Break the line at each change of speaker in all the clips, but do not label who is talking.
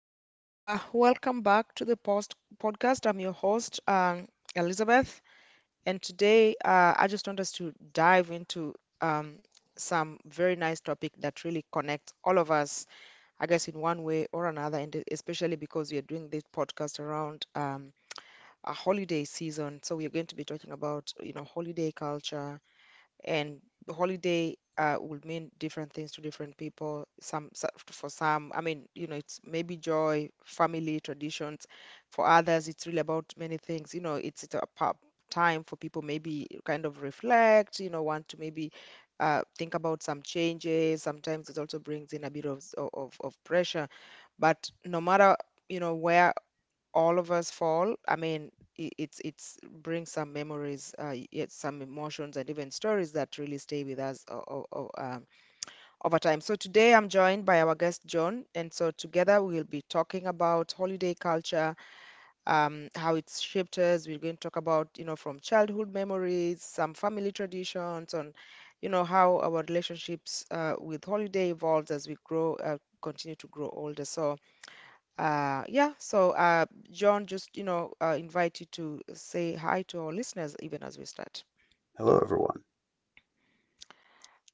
everyone. Welcome back to the post podcast. I'm your host, Elizabeth, and today I just want us to dive into um, some very nice topic that really connects all of us, I guess, in one way or another, and especially because we are doing this podcast around a holiday season. So we are going to be talking about, you know, holiday culture, and holiday would mean different things to different people. For some, I mean, you know, it's maybe joy, family, traditions. For others, it's really about many things. You know, time for people maybe kind of reflect. You know, want to maybe think about some changes. Sometimes it also brings in a bit of pressure. But no matter you know where all of us fall. I mean, I- it's brings some memories, yet some emotions and even stories that really stay with us over time. So today I'm joined by our guest John, and so together we'll be talking about holiday culture, how it's shaped us. We're going to talk about, you know, from childhood memories, some family traditions, on, you know, how our relationships with holiday evolves as we grow, continue to grow older. So. Uh, yeah, so uh, John, just you know, invite you to say hi to our listeners even as we start.
Hello, everyone.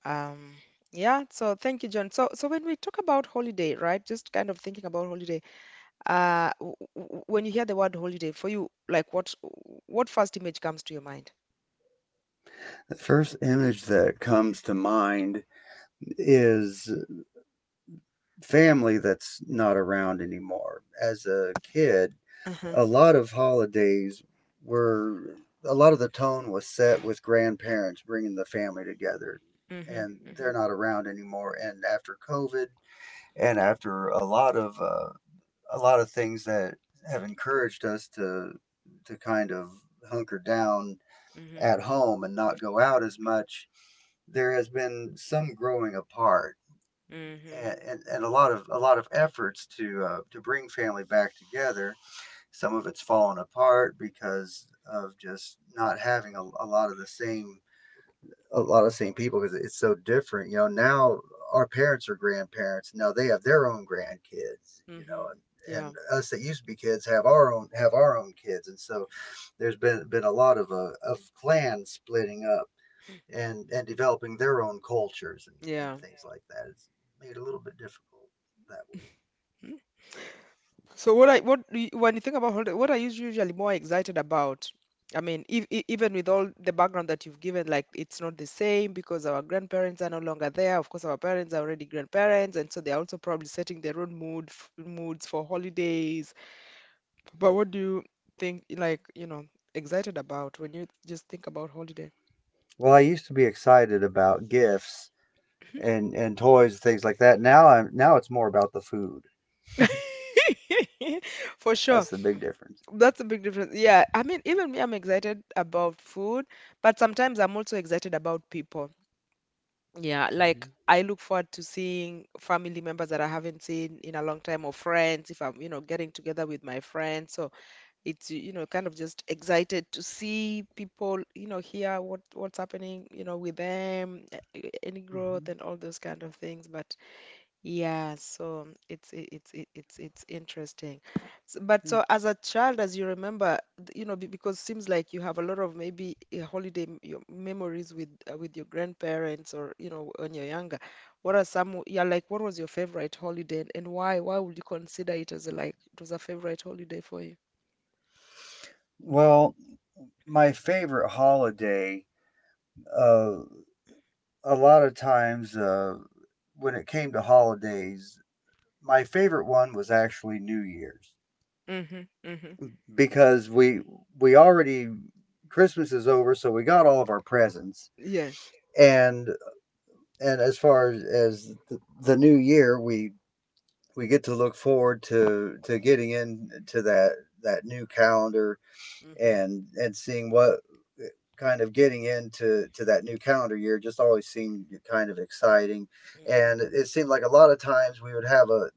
Um, yeah, so thank you, John. So, so when we talk about holiday, right? Just kind of thinking about holiday. When you hear the word holiday, for you, like what first image comes to your mind?
The first image that comes to mind is family that's not around anymore. As a kid,
Uh-huh.
a lot of holidays were a lot of the tone was set with grandparents bringing the family together,
Mm-hmm.
and
Mm-hmm.
they're not around anymore. And after COVID and after a lot of things that have encouraged us to kind of hunker down
Mm-hmm.
at home and not go out as much, there has been some growing apart,
Mm-hmm.
and a lot of efforts to bring family back together. Some of it's fallen apart because of just not having a lot of same people because it's so different. Now our parents are grandparents. Now they have their own grandkids. You
Mm-hmm.
know, and
Yeah.
and us that used to be kids have our own kids, and so there's been a lot of of clans splitting up and developing their own cultures and
Yeah.
and things like that. It's made a little bit difficult that way.
So what do you, when you think about holiday, what are you usually more excited about? I mean, if, even with all the background that you've given, like it's not the same because our grandparents are no longer there. Of course, our parents are already grandparents, and so they're also probably setting their own moods for holidays. But what do you think, like, you know, excited about when you just think about holiday?
Well, I used to be excited about gifts and toys and things like that. Now I'm now it's more about the food.
For sure.
That's the big difference.
That's a big difference. Yeah, I mean, even me, I'm excited about food, but sometimes I'm also excited about people. Yeah, like
Hmm.
I look forward to seeing family members that I haven't seen in a long time or friends if I'm, you know, getting together with my friends. So it's, you know, kind of just excited to see people, you know, hear what's happening, you know, with them, any growth
Hmm.
and all those kind of things. But yeah, so it's it- it's it- it's interesting. But
Sure.
so as a child, as you remember, you know, because seems like you have a lot of maybe holiday your memories with your grandparents or you know when you're younger. What are some? Yeah, like what was your favorite holiday and why? Why would you consider it as a, like it was a favorite holiday for you?
Well, my favorite holiday, uh, a lot of times, when it came to holidays, my favorite one was actually New Year's,
Mm-hmm. Mm-hmm.
because we already Christmas is over, so we got all of our presents.
Yes.
And and as far as the new year, we get to look forward to getting into that new calendar,
Mm-hmm.
and seeing what kind of getting into to that new calendar year just always seemed kind of exciting. And
Mm-hmm.
it seemed like a lot of times we would have a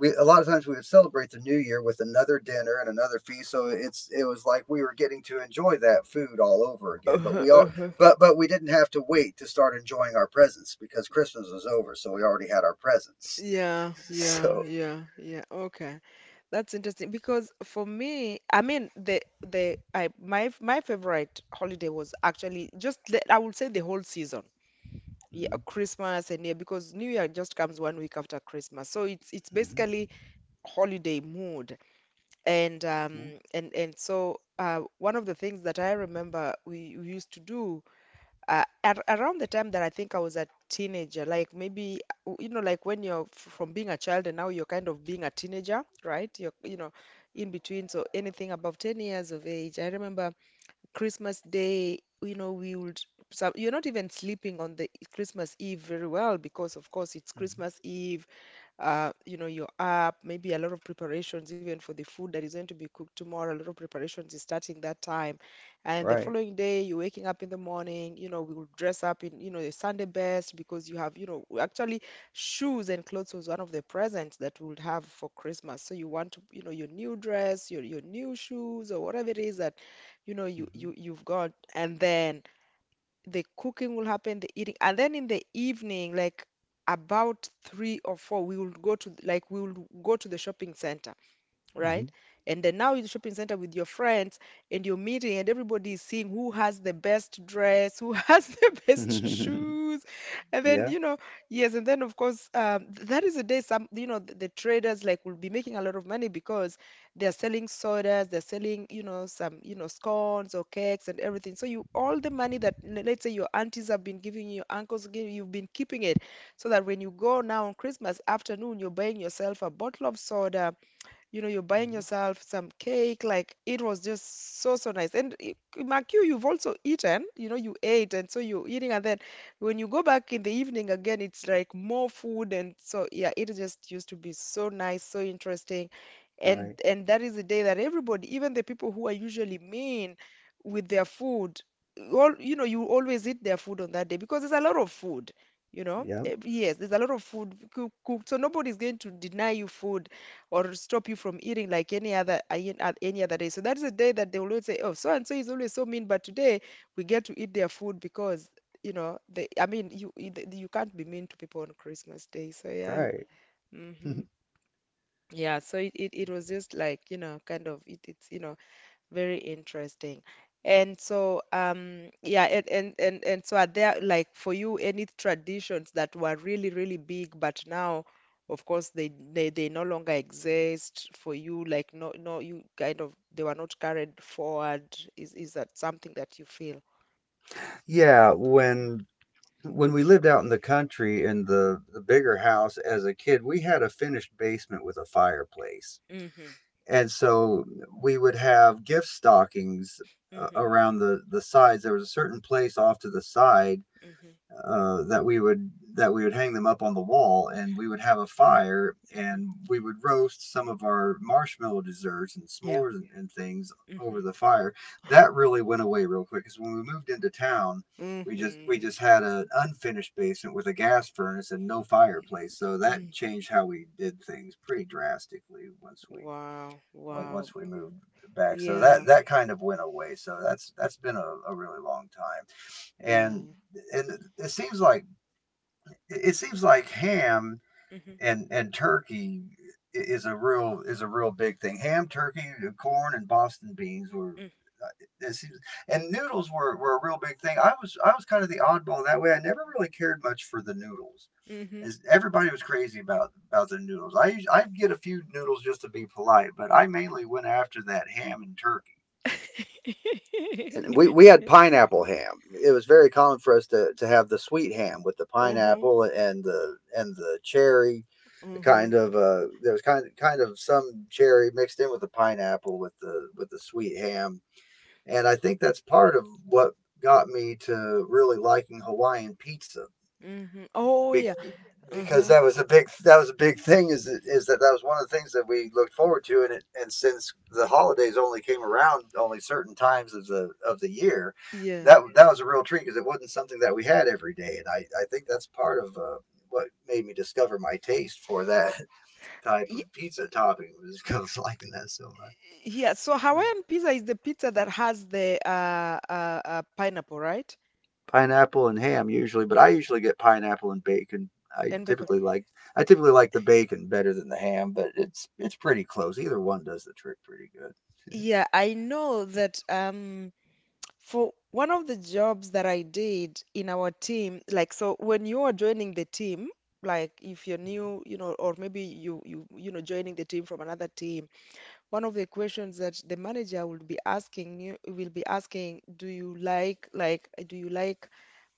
we a lot of times we would celebrate the new year with another dinner and another feast, so it was like we were getting to enjoy that food all over again, but
Uh-huh,
we all
uh-huh.
but we didn't have to wait to start enjoying our presents, because Christmas was over, so we already had our presents.
Yeah, yeah,
So...
yeah, yeah. Okay. That's interesting because for me, I mean the I my my favorite holiday was actually just the, I would say the whole season. Yeah,
Mhm.
Christmas and yeah, because New Year just comes 1 week after Christmas. So it's
Hmm.
basically holiday mood. And
Yeah.
um and so one of the things that I remember we used to do ar around the time that I think I was a teenager, like maybe you know, like when you're from being a child and now you're kind of being a teenager, right? You're you know, in between, so anything above 10 years of age. I remember Christmas Day, you know, we would so you're not even sleeping on the Christmas Eve very well because of course it's Christmas
Hmm.
Eve you know, you're up, maybe a lot of preparations even for the food that is going to be cooked tomorrow. A lot of preparations is starting that time. And the
Right.
following day, you're waking up in the morning, you know, we will dress up in, you know, the Sunday best because you have, you know, actually shoes and clothes was one of the presents that we would have for Christmas. So you want to, you know, your new dress, your new shoes or whatever it is that, you know, you
Hmm.
you you've got. And then the cooking will happen, the eating, and then in the evening, like about three or four, we will go to like we will go to the shopping center
Hmm.
right? And then now you're shopping center with your friends and you're meeting and everybody is seeing who has the best dress, who has the best shoes. And then,
Yeah.
you know, yes, and then of course, that is a day some, you know, the traders like will be making a lot of money because they're selling sodas, they're selling, you know, some, you know, scones or cakes and everything. So you all the money that let's say your aunties have been giving you, your uncles give, you've been keeping it so that when you go now on Christmas afternoon, you're buying yourself a bottle of soda you know, you're buying
Hmm.
yourself some cake. Like it was just so, so nice. And Makyu, you've also eaten, you know, you ate, and so you're eating. And then when you go back in the evening again, it's like more food. And so, yeah, it just used to be so nice, so interesting.
Right.
And that is the day that everybody, even the people who are usually mean with their food, all, you know, you always eat their food on that day because there's a lot of food. You know,
Yep.
Eh, yes, there's a lot of food cooked, so nobody's going to deny you food or stop you from eating like any other day. So that's the day that they will always say, "Oh, so and so is always so mean, but today we get to eat their food because you know they. I mean, you you can't be mean to people on Christmas Day. So yeah,
Right.
hmm yeah. So it it was just like you know, kind of it's you know very interesting. And so, yeah, and so are there like for you any traditions that were really, really big, but now, of course, they no longer exist for you, like no no you kind of they were not carried forward. Is that something that you feel?
Yeah, when we lived out in the country, in
Hmm.
the bigger house as a kid, we had a finished basement with a fireplace.
Hmm.
And so we would have gift stockings
Hmm.
around the sides. There was a certain place off to the side
Hmm.
that we would hang them up on the wall, and we would have a fire, and
Hmm.
we would roast some of our marshmallow desserts and
Yeah.
s'mores and things
Hmm.
over the fire. That really went away real quick, because when we moved into town, we just we
Hmm.
just had an unfinished basement with a gas furnace and no fireplace. So that
Mm.
changed how we did things pretty drastically once we
Wow, wow.
once we moved back. So
Yeah,
that kind of went away. So that's been a really long time.
yeah.
And and it seems like it seems like ham
Hmm.
and turkey is a real big thing. Ham, turkey, corn, and Boston beans were, uh, it seems, and noodles were a real big thing. I was kind of the oddball in that way. I never really cared much for the noodles,
Hmm.
as everybody was crazy about the noodles. I'd get a few noodles just to be polite, but I mainly went after that ham and turkey. And we, we had pineapple ham. It was very common for us to have the sweet ham with the
Mm-hmm.
pineapple and the cherry,
Mm-hmm.
there was kind of some cherry mixed in with the pineapple with the sweet ham, and I think that's part of what got me to really liking Hawaiian pizza,
Mm-hmm. Oh yeah.
because
Mm-hmm.
that was a big thing is that was one of the things that we looked forward to. And since the holidays only came around only certain times of the year,
Yeah.
that was a real treat because it wasn't something that we had every day. And I think that's part of what made me discover my taste for that type
Ye-
of pizza topping, was because I was liking that so much.
Yeah. So
So...
Hawaiian pizza is the pizza that has the pineapple, right?
Pineapple and ham usually, but I usually get pineapple and bacon. I
And bacon.
typically like I typically like the bacon better than the ham, but it's pretty close. Either one does the trick pretty good.
Yeah, I know that for one of the jobs that I did in our team, like so when you are joining the team, like if you're new, you know, or maybe you know joining the team from another team one of the questions that the manager will be asking you will be asking, do you do you like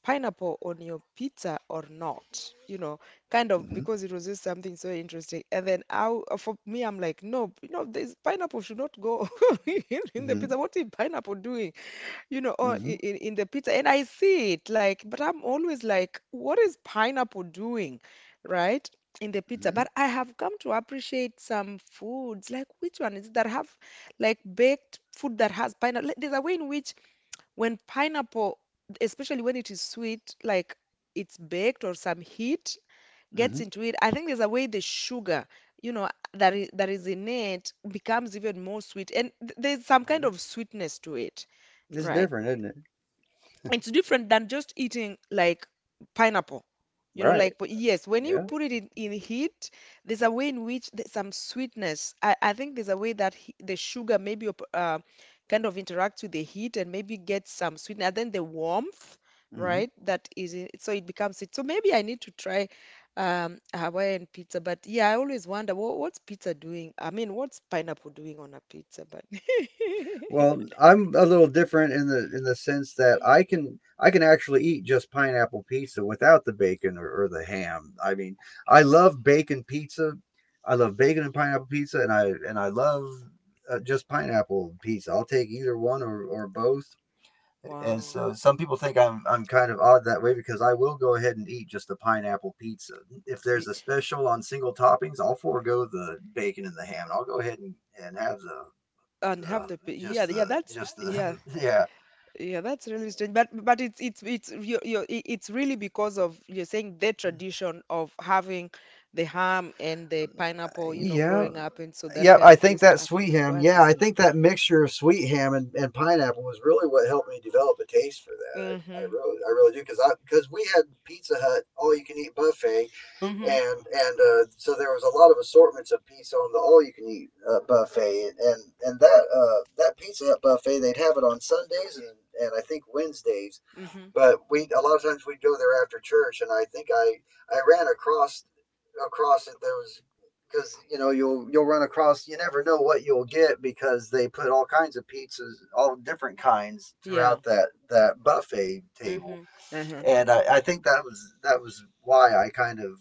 pineapple on your pizza or not? You know, kind of
Hmm.
because it was just something so interesting. And then I, for me, I'm like, no, you know, this pineapple should not go in the
Hmm.
pizza. What is pineapple doing? You know, or
Hmm.
in the pizza. And I see it like, but I'm always like, what is pineapple doing, right? In the pizza.
Hmm.
But I have come to appreciate some foods, like which one is it that have like baked food that has pineapple. Like, there's a way in which when pineapple, especially when it is sweet, like it's baked or some heat gets
Hmm.
into it. I think there's a way the sugar, you know, that is in it becomes even more sweet. And there's some kind of sweetness to it.
It's
Right,
different, isn't it?
it's different than just eating like pineapple
Right.
but yes, when you
Yeah.
put it in heat there's a way in which there's some sweetness. I think there's a way that the sugar maybe kind of interacts with the heat and maybe gets some sweetness and then the warmth,
Hmm.
right, that is in, so it becomes it, so maybe I need to try a Hawaiian pizza. But yeah, I always wonder what's pizza doing, I mean what's pineapple doing on a pizza, but
Well, I'm a little different in the sense that I can actually eat just pineapple pizza without the bacon or the ham. I mean, I love bacon pizza. I love bacon and pineapple pizza, and I love just pineapple pizza. I'll take either one or both. And
wow.
so some people think I'm kind of odd that way, because I will go ahead and eat just the pineapple pizza. If there's a special on single toppings, I'll forego the bacon and the ham. I'll go ahead and have
And have the
the
yeah,
just
yeah,
the
that's
just
yeah.
the yeah.
Yeah, that's really strange, but it's it's it's really because of, you're saying, the tradition of having the ham and the pineapple, you know,
Yeah,
growing up. And so that
yeah,
kind
I
of
think
just
that
yeah,
sweet ham.
acquired
Yeah,
this
I
thing.
think that
Mm-hmm,
mixture of sweet ham and pineapple was really what helped me develop a taste for that. I, I
mm-hmm.
really, I really do, because I because we had Pizza Hut all you can eat buffet,
Mm-hmm.
and so there was a lot of assortments of pizza on the all you can eat, buffet. And that Pizza Hut buffet, they'd have it on Sundays and I think Wednesdays.
Mm-hmm.
But we a lot of times we'd go there after church, and I think I ran across it. There was Because you never know what you'll get, because they put all kinds of pizzas, all different kinds
Yeah.
throughout that buffet table.
Mm-hmm. Uh-huh.
And I think that was why I kind of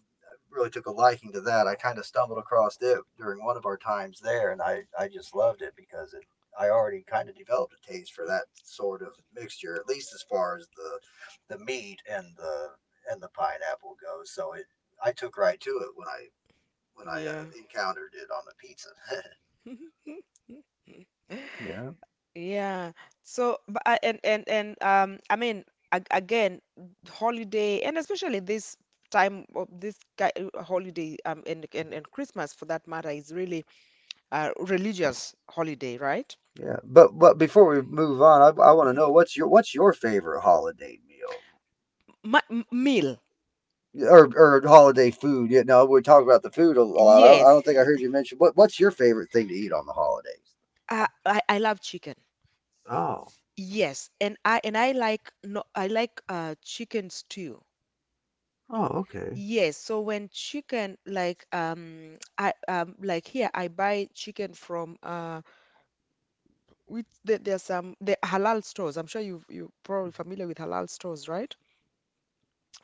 really took a liking to that. I kind of stumbled across it during one of our times there, and I just loved it because it I already kind of developed a taste for that sort of mixture, at least as far as the meat and the pineapple goes. So it I took right to it when I
Yeah.
encountered it on the pizza. Yeah.
Yeah. So, but and I mean, ag again, holiday, and especially this time of this holiday, and and Christmas for that matter, is really a religious holiday, right?
Yeah, but before we move on, I want to
Mhm.
know what's your, favorite holiday meal?
My, meal,
Or holiday food. We talk about the food a lot. I don't
yes.
think I heard you mention what's your favorite thing to eat on the holidays?
I I love chicken,
Oh,
yes, and I like no, I like chicken stew.
oh, okay.
Yes, so when chicken, like I like here I buy chicken from we there some the halal stores. I'm sure you are probably familiar with halal stores, right?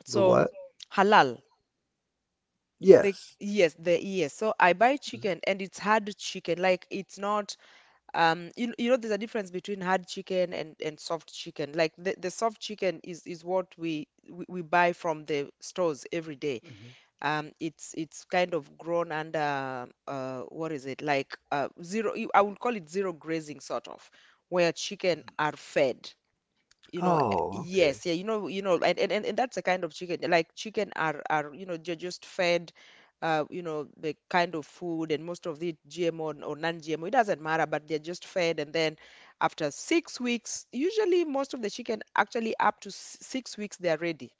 The
So
what?
halal. The
Yes.
yes, the yes. So I buy chicken and it's hard chicken. Like it's not you, you know there's a difference between hard chicken and soft chicken. Like the soft chicken is what we buy from the stores every day.
Mm-hmm.
It's kind of grown under what is it? Like zero, I would call it zero grazing sort of where chicken are fed. You know
Oh, okay.
yes, yeah, you know, you know, and that's a kind of chicken, like chicken are, you know, they're just fed you know the kind of food, and most of the GMO and- or non-GMO, it doesn't matter, but they're just fed. And then after 6 weeks, usually most of the chicken, actually up to 6 weeks they're ready.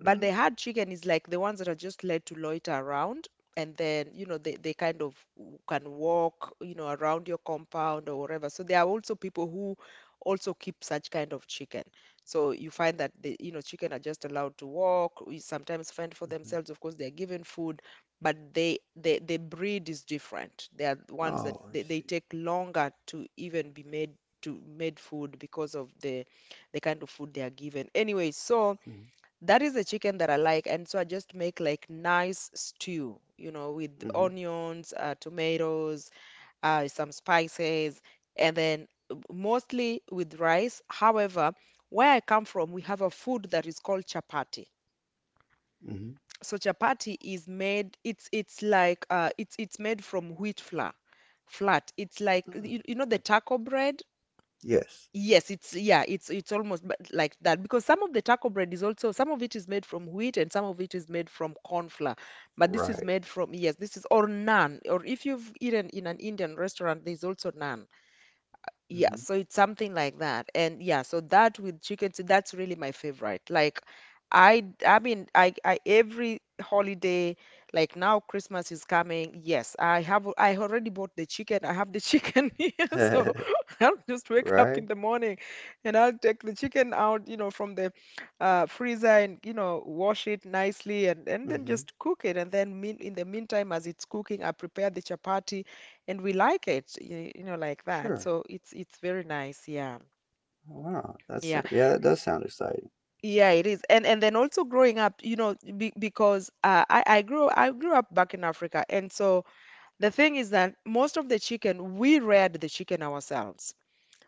But
Mm-hmm.
the hard chicken is like the ones that are just led to loiter around, and then, you know, they kind of can walk, you know, around your compound or wherever. So there are also people who also keep such kind of chicken. So you find that the, you know, chicken are just allowed to walk, we sometimes fend for themselves. Of course, they're given food, but the breed is different. They are the ones that
Oh, I
they
see.
take longer to even be made to made food because of the kind of food they are given. Anyway, so
Mm-hmm.
that is a chicken that I like, and so I just make like nice stew, you know, with
Mm-hmm.
onions, tomatoes, some spices, and then mostly with rice. However, where I come from, we have a food that is called chapati.
Mm-hmm.
So chapati is made, it's like it's made from wheat flour, flat. It's like
Mm.
you know the taco bread.
Yes.
Yes, it's yeah, it's almost but like that, because some of the taco bread is also, some of it is made from wheat and some of it is made from corn flour. But this is
Right.
made from yes, this is or naan. Or if you've eaten in an Indian restaurant, there's also naan. Yeah,
Mm-hmm.
so it's something like that. And yeah, so that with chicken too, that's really my favorite. Like I mean I every holiday, like now Christmas is coming. Yes, I have, I already bought the chicken. I have the chicken here. So I'll just wake up in
Right.
the morning and I'll take the chicken out, you know, from the freezer, and you know, wash it nicely, and then
Mm-hmm.
just cook it. And then mean in the meantime, as it's cooking, I prepare the chapati and we like it, you know, like that.
Sure.
So it's very nice. Yeah.
Wow. That's
Yeah.
Yeah. That does sound exciting.
Yeah, it is. And then also growing up, you know, be, because I grew up back in Africa. And so the thing is that most of the chicken, we reared the chicken ourselves.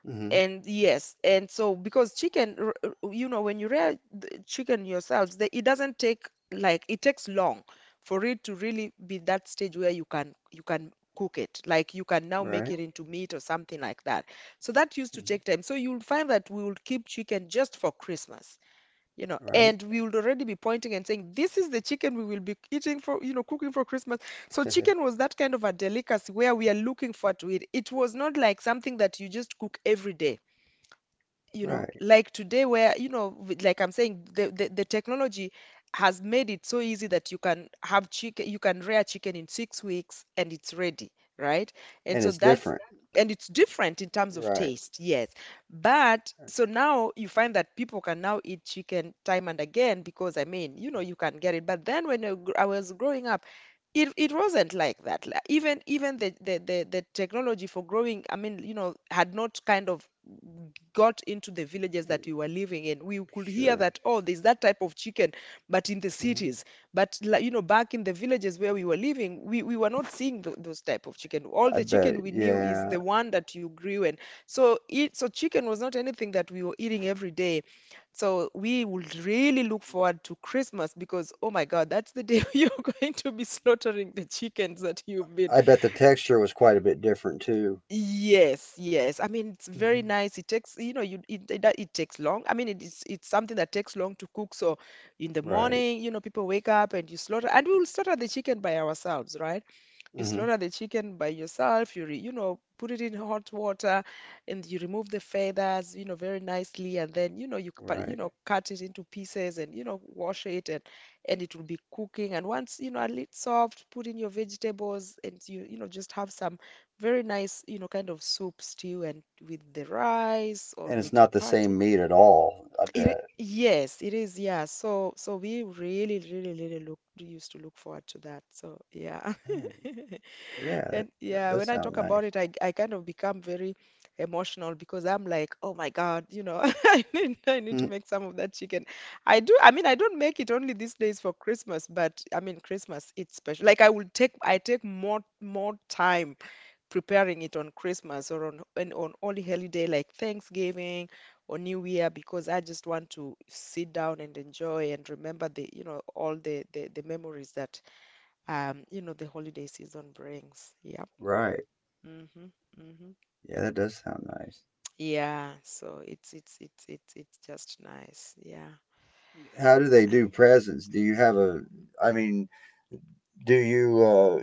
Mm-hmm.
And yes, and so because chicken, you know, when you rear the chicken yourselves, the, it doesn't take, like it takes long for it to really be that stage where you can, you can cook it, like you can now make
Right.
it into meat or something like that. So that used to
Mm-hmm.
take time. So you'll find that we will keep chicken just for Christmas, you know,
Right.
and we would already be pointing and saying, this is the chicken we will be eating for, you know, cooking for Christmas. So chicken was that kind of a delicacy where we are looking forward to it. It was not like something that you just cook every day, you know,
Right.
like today, where you know like I'm saying the technology has made it so easy that you can have chicken, you can rear chicken in 6 weeks and it's ready, right, and
And
so
it's
that's
different.
and it's different in terms of
Right.
taste, yes. But so now you find that people can now eat chicken time and again because I mean, you know, you can get it. But then when I was growing up, it wasn't like that. Like, even the technology for growing, I mean, you know, had not kind of got into the villages
Mm.
that we were living in. We could hear
Sure.
that, oh, there's that type of chicken, but in the
Hmm.
cities. But like, you know, back in the villages where we were living, we were not seeing those type of chicken. All
I
the
bet.
chicken we knew is
Yeah.
the one that you grew in. So it, so chicken was not anything that we were eating every day. So we would really look forward to Christmas, because oh my God, that's the day you're going to be slaughtering the chickens that you've been.
I bet the texture was quite a bit different too.
Yes, yes. I mean, it's very
Hmm.
nice. It takes, you know, you it takes long. I mean, it is, it's something that takes long to cook. So in the
Right.
morning, you know, people wake up and you slaughter, and we will slaughter the chicken by ourselves, right? You
Hmm.
slaughter the chicken by yourself. You, re, you know, put it in hot water, and you remove the feathers, you know, very nicely, and then you know you you
Right.
know cut it into pieces, and you know wash it, and it will be cooking. And once you know a little soft, put in your vegetables, and you know just have some very nice, you know, kind of soup stew, and with the rice or
And it's
with
not the same
chapati.
meat at all. I bet.
It, yes, it is. Yeah. So so we really really really look used to look forward to that. So yeah.
Right. Yeah. That,
And
that
yeah,
does
when I
sound
talk about
nice.
it, I kind of become very emotional, because I'm like, oh my God, you know, I need
Hmm.
to make some of that chicken. I do. I mean, I don't make it only these days for Christmas, but I mean, Christmas it's special. Like I take more time preparing it on Christmas, or on and on only holiday like Thanksgiving or New Year, because I just want to sit down and enjoy and remember the, you know, all the the memories that you know, the holiday season brings. Yeah.
Right.
Mm-hmm. Mm-hmm.
Yeah, that does sound nice.
Yeah, so it's it's just nice. Yeah.
How do they do presents? Do you have a? I mean, do you?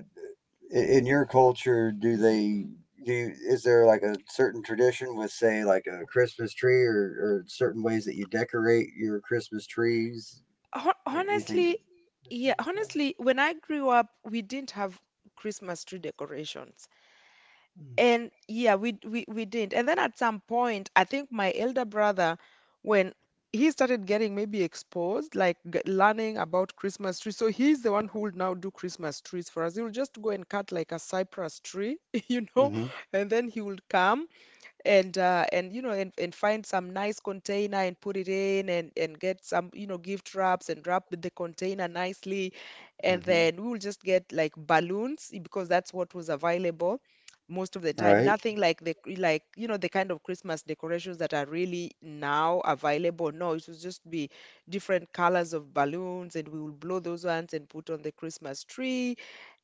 In your culture, do
Hmm.
they do you, is there like a certain tradition with, say, like a Christmas tree, or certain ways that you decorate your Christmas trees? Anything to
Honestly, yeah,
distinguish that one?
honestly, when I grew up, we didn't have Christmas tree decorations. And yeah, we didn't. And then at some point, I think my elder brother, when he started getting maybe exposed, like learning about Christmas trees, so he's the one who will now do Christmas trees for us. He will just go and cut like a cypress tree, you know,
Mm-hmm.
and then he will come and find some nice container and put it in and get some, you know, gift wraps and wrap the container nicely, and
Mm-hmm.
then we will just get like balloons because that's what was available most of the time.
Right.
Nothing like the you know, the kind of Christmas decorations that are really now available. No, it will just be different colors of balloons, and we will blow those ones and put on the Christmas tree,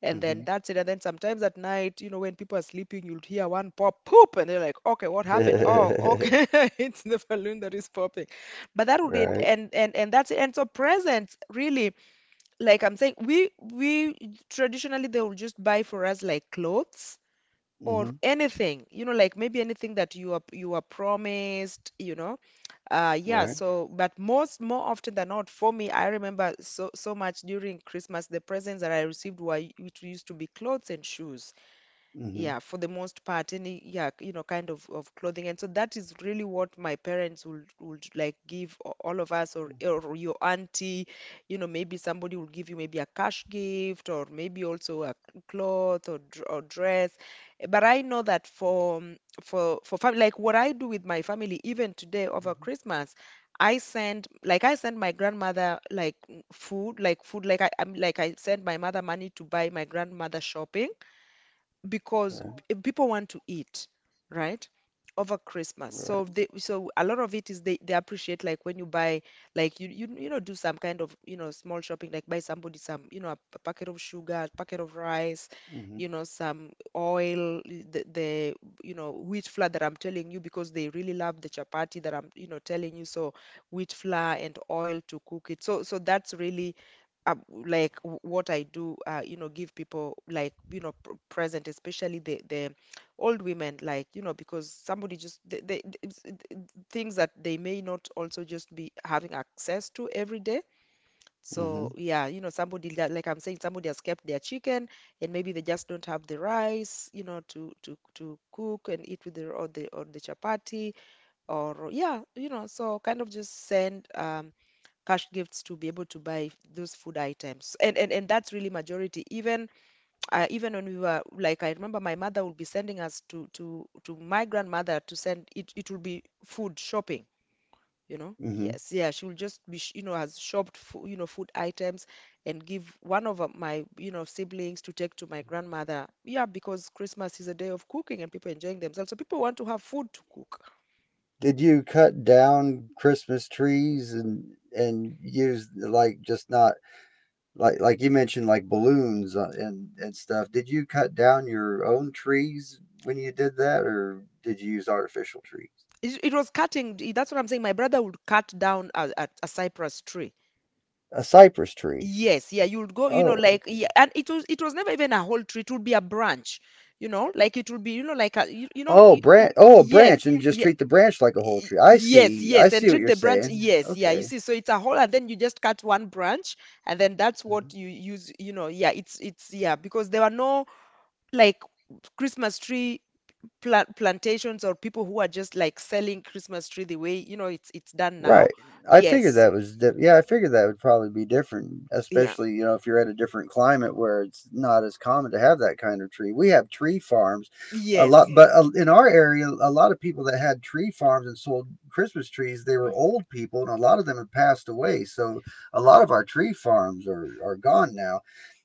and then
Mm-hmm.
that's it. And then sometimes at night, you know, when people are sleeping, you'll hear one pop poop, and they're like, okay, what happened? Oh, okay, it's the balloon that is popping. But that would it,
Right.
and that's it. And so, presents, really, like I'm saying, we traditionally, they will just buy for us like clothes or
Mm-hmm.
anything, you know, like maybe anything that you are promised, you know. Yeah,
Right.
so but most, more often than not, for me, I remember so so much during Christmas, the presents that I received were, which used to be, clothes and shoes.
Mm-hmm.
Yeah, for the most part, any, yeah, you know, kind of clothing. And so that is really what my parents would like give a- all of us, or your auntie, you know. Maybe somebody will give you maybe a cash gift, or maybe also a cloth or, or dress. But I know that for family, like what I do with my family even today over Christmas, I send my grandmother like food, like food, like I, I'm like I send my mother money to buy my grandmother shopping, because
Right.
p- people want to eat, right? Over Christmas. So
Right.
they so a lot of it is, they appreciate like when you buy like you you know, do some kind of, you know, small shopping, like buy somebody some, you know, a, p- packet of sugar, packet of rice,
Mm-hmm.
you know, some oil, the you know, wheat flour that I'm telling you, because they really love the chapati that I'm, you know, telling you. So, wheat flour and oil to cook it. So so that's really um, like w- what I do, you know, give people like, you know, pr present, especially the old women, like, you know. Because somebody just they, it's- it- it- things that they may not also just be having access to every day. So
Mm-hmm.
yeah, you know, somebody that, like I'm saying, somebody has kept their chicken, and maybe they just don't have the rice, you know, to to cook and eat with the, or the chapati. Or, yeah, you know, so kind of just send cash gifts to be able to buy those food items. And that's really majority. Even even when we were, like, I remember my mother would be sending us to to my grandmother, to send it, it would be food shopping, you know.
Mm-hmm.
Yes, yeah, she will just be sh- you know, has shopped for, you know, food items, and give one of my, you know, siblings to take to my grandmother. Yeah, because Christmas is a day of cooking and people enjoying themselves, so people want to have food to cook.
Did you cut down Christmas trees and use, like, just not, like you mentioned, like balloons, and stuff? Did you cut down your own trees when you did that, or did you use artificial trees?
It was cutting. That's what I'm saying, my brother would cut down a cypress tree.
A cypress tree.
Yes, yeah, you'd go, you know,
Oh,
like, yeah,
okay.
and it was, it was never even a whole tree, it would be a branch, you know, like it would be, you know, like a you, you know,
Oh,
y- y-
branch oh, a
yes,
branch, and just
yeah,
treat the branch like a whole
y-
tree. I
yes,
see. I
yes, and
see what
treat
you're
the branch,
saying.
yes, yeah, you
Okay.
see, so it's a whole, and then you just cut one branch, and then that's what you use, you know. Yeah, it's, yeah, because there were no, like, Christmas tree pla plantations, or people who are just like selling Christmas tree the way, you know, it's done now.
Right. I
Yes,
figured
so-
that was di- Yeah, I figured that would probably be different,
yeah,
especially, if you're at a different climate where it's not as common to have that kind of tree. We have tree farms a lot.
yes,
Mm. But, in our area, a lot of people that had tree farms and sold Christmas trees, they were old people, and a lot of them have passed away. So a lot of our tree farms are gone now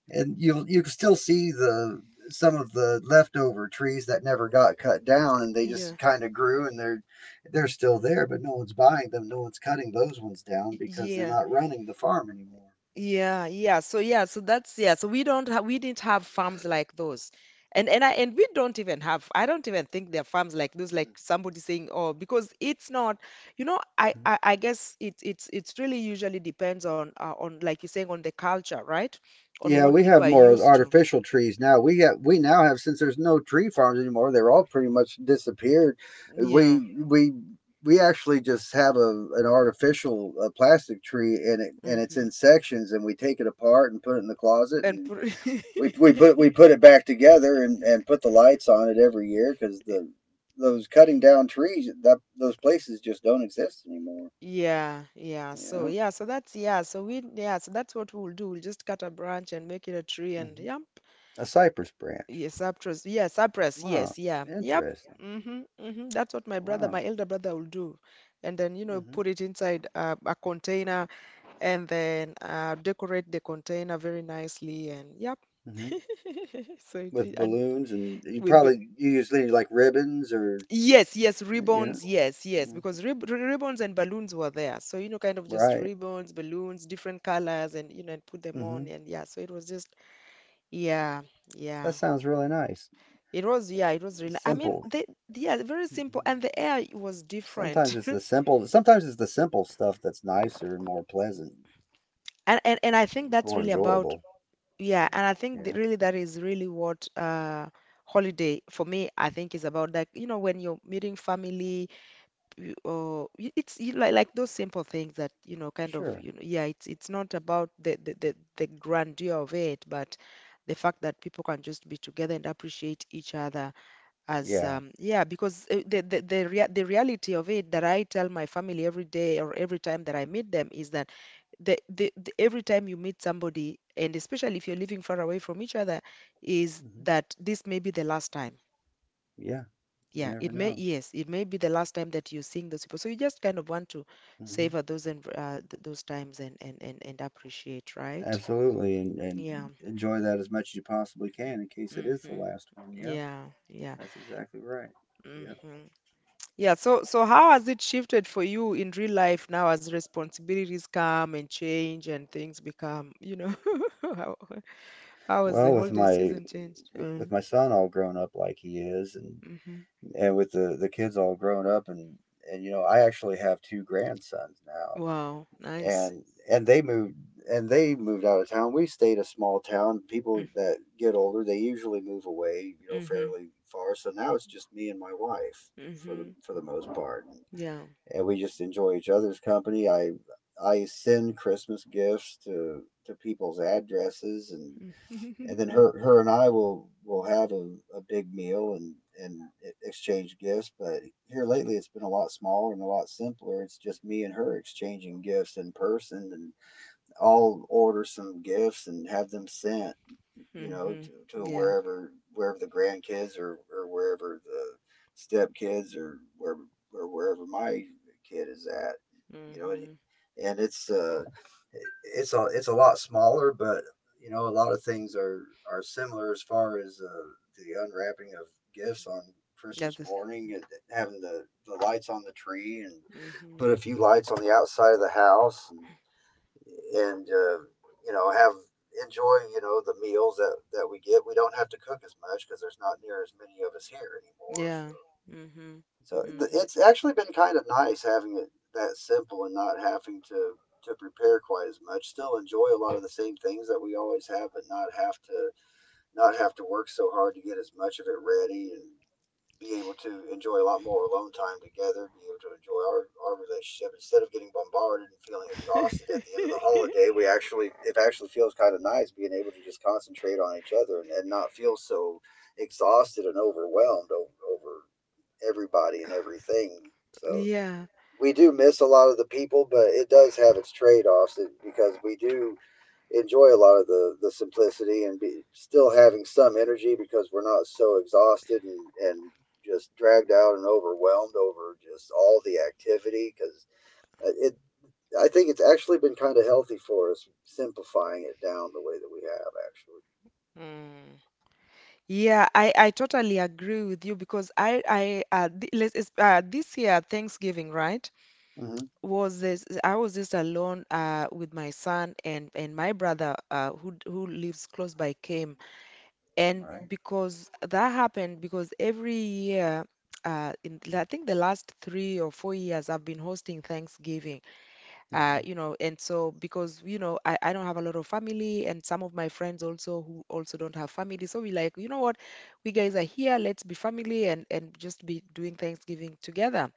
and you can still see the some of the leftover trees that never got cut down and they just
yeah,
kind of grew and they're still there, but no one's buying them. No one's cutting those ones down
y-
because they're
yeah.
not running the farm anymore.
Yeah, yeah. So yeah, so that's, yeah. So we don't ha, we didn't have farms like those. And I and, we don't even have, I don't even think there are farms like those, like somebody saying, oh, because it's not, you know, I guess it's really usually depends on on, like you're saying, on the culture, right? On
Yeah,
what
we
people are
have more
used to.
artificial trees now. We now have, since there's no tree farms anymore, they're all pretty much disappeared.
Yeah.
We we we actually just have a an artificial plastic tree, and it's
Mm-hmm.
in sections, and we take it apart and put it in the closet,
And
and
pr-
we we put we put it back together and put the lights on it every year because the those cutting down trees, that those places just don't exist anymore.
Yeah, yeah. So
Yeah.
yeah, so that's, yeah. So we, yeah, so that's what we'll do. We'll just cut a branch and make it a tree. And
hmm
yeah.
A cypress branch.
Yes, Cyprus. Yeah, Cyprus.
Wow.
Yes, yeah. Yep.
Interesting.
Mm-hmm. Mm-hmm. That's what my brother,
Wow.
my elder brother, will do. And then, you know,
hmm
put it inside a container, and then decorate the container very nicely. And yep.
hmm
So it-
With
and
balloons, and you
with bal-
probably you usually like ribbons or
yes, yes,
yeah.
ribbons. Yes, yes,
Mhm.
because rib ri- ribbons and balloons were there. So, you know, kind of just
Right.
ribbons, balloons, different colors, and, you know, and put them
hmm
on. And yeah, so it was just, yeah,
That
yeah.
sounds really nice.
It was, yeah, it was really. I mean,
Simple.
they, yeah, very simple, and the
Mhm.
air was different,
Sometimes it's the simple stuff that's nicer and more pleasant.
and I think
It's
that's
more
really about,
enjoyable.
yeah, and I think that
Yeah.
really, that is really what holiday for me I think is about. Like, you know, when you're meeting family, you, or y- it's you, like those simple things that, you know, kind of,
Sure.
you know, yeah, it's not about the grandeur of it, but the fact that people can just be together and appreciate each other. As
Yeah.
yeah, because the reality of it that I tell my family every day, or every time that I meet them, is that the every time you meet somebody, and especially if you're living far away from each other, is
hmm
that this may be the last time.
Yeah. You
Yeah,
never
it may,
know.
yes, it may be the last time that you're seeing those people. So you just kind of want to
hmm
savor those and those times, and appreciate. Right.
Absolutely. And
Yeah.
enjoy that as much as you possibly can in case it is the
Hmm.
last one. Yeah.
Yeah. Yeah.
That's exactly right. Yeah.
Hmm. Yeah, so so how has it shifted for you in real life now, as responsibilities come and change and things become, you know, how how has
Well,
the
with
holiday
my
season changed? Mm,
with my son all grown up like he is,
hmm.
and with the kids all grown up, and you know, I actually have two grandsons now,
Wow, nice.
and and they moved they moved out of town. We stayed a small town.
Mm.
People that get older, they usually move away, you know,
Mm-hmm.
fairly far. So now it's just me and my wife for the
Mm-hmm.
for the most part,
Yeah.
and we just enjoy each other's company. I send Christmas gifts to people's addresses, and then her and I will have a big meal and exchange gifts. But here lately, it's been a lot smaller and a lot simpler. It's just me and her exchanging gifts in person, and I'll order some gifts and have them sent, you know,
Mm-hmm.
to
Yeah.
wherever the grandkids or wherever the stepkids or wherever my kid is at, you know,
Mm-hmm.
and it's a lot smaller, but you know, a lot of things are similar as far as the unwrapping of gifts on
Yeah.
Christmas
This.
morning, and having the lights on the tree, and
Mm-hmm.
put a few lights on the outside of the house, and and uh, you know, have enjoy, you know, the meals that we get. We don't have to cook as much because there's not near as many of us here anymore. So
Yeah. Mm-hmm.
it's actually been kind of nice having it that simple and not having to prepare quite as much. Still enjoy a lot of the same things that we always have, but not have to work so hard to get as much of it ready and be able to enjoy a lot more alone time together, be able to enjoy our relationship instead of getting bombarded and feeling exhausted at the end of the
Mm-hmm.
holiday. It actually feels kind of nice being able to just concentrate on each other and not feel so exhausted and overwhelmed over everybody and everything. So
Yeah.
we do miss a lot of the people, but it does have its trade offs because we do enjoy a lot of the simplicity and still having some energy because we're not so exhausted and just dragged out and overwhelmed over just all the activity because it I think it's actually been kind of healthy for us simplifying it down the way that we have
Mm. Yeah, I totally agree with you, because I th let's- it's, this year Thanksgiving, right,
actually.
was this, I was just alone with my son, and my brother who lives close by came. And
Right.
because that happened because every year in I think the last 3 or 4 years I've been hosting Thanksgiving. You
hmm
know, and so, because, you know, I don't have a lot of family, and some of my friends also, who also don't have family, so we like, you know what, we guys are here, let's be family and just be doing Thanksgiving together.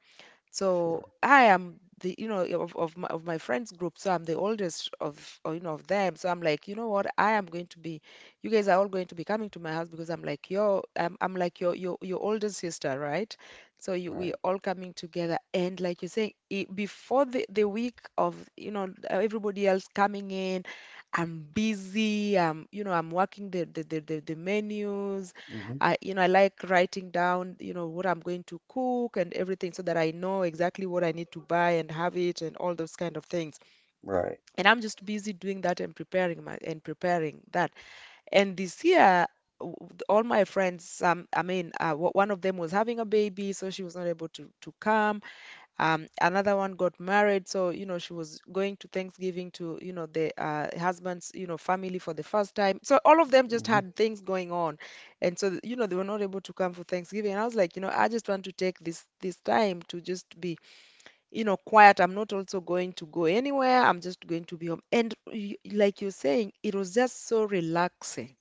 So
Sure.
I am the, you know, of my, of my friends group, so I'm the oldest of, or, you know, of them. So I'm like, you know what? I am going to be, you guys are all going to be coming to my house, because I'm like your, I'm like your, your older sister, right? So you, we
Right.
all coming together. And like you say it, before the week of, you know, everybody else coming in, I'm busy. I'm, you know, I'm working the menus.
hmm
I, you know, I like writing down, you know, what I'm going to cook and everything, so that I know exactly what I need to buy and have it and all those kind of things.
Right.
And I'm just busy doing that, and preparing that. And this year, w- all my friends, one of them was having a baby, so she was not able to come. Another one got married, so you know, she was going to Thanksgiving to, you know, the husband's, you know, family for the first time. So all of them just
hmm
had things going on, and so you know, they were not able to come for Thanksgiving. And I was like, you know, I just want to take this time to just be, you know, quiet. I'm not also going to go anywhere. I'm just going to be home. And y- like you're saying, it was just so relaxing.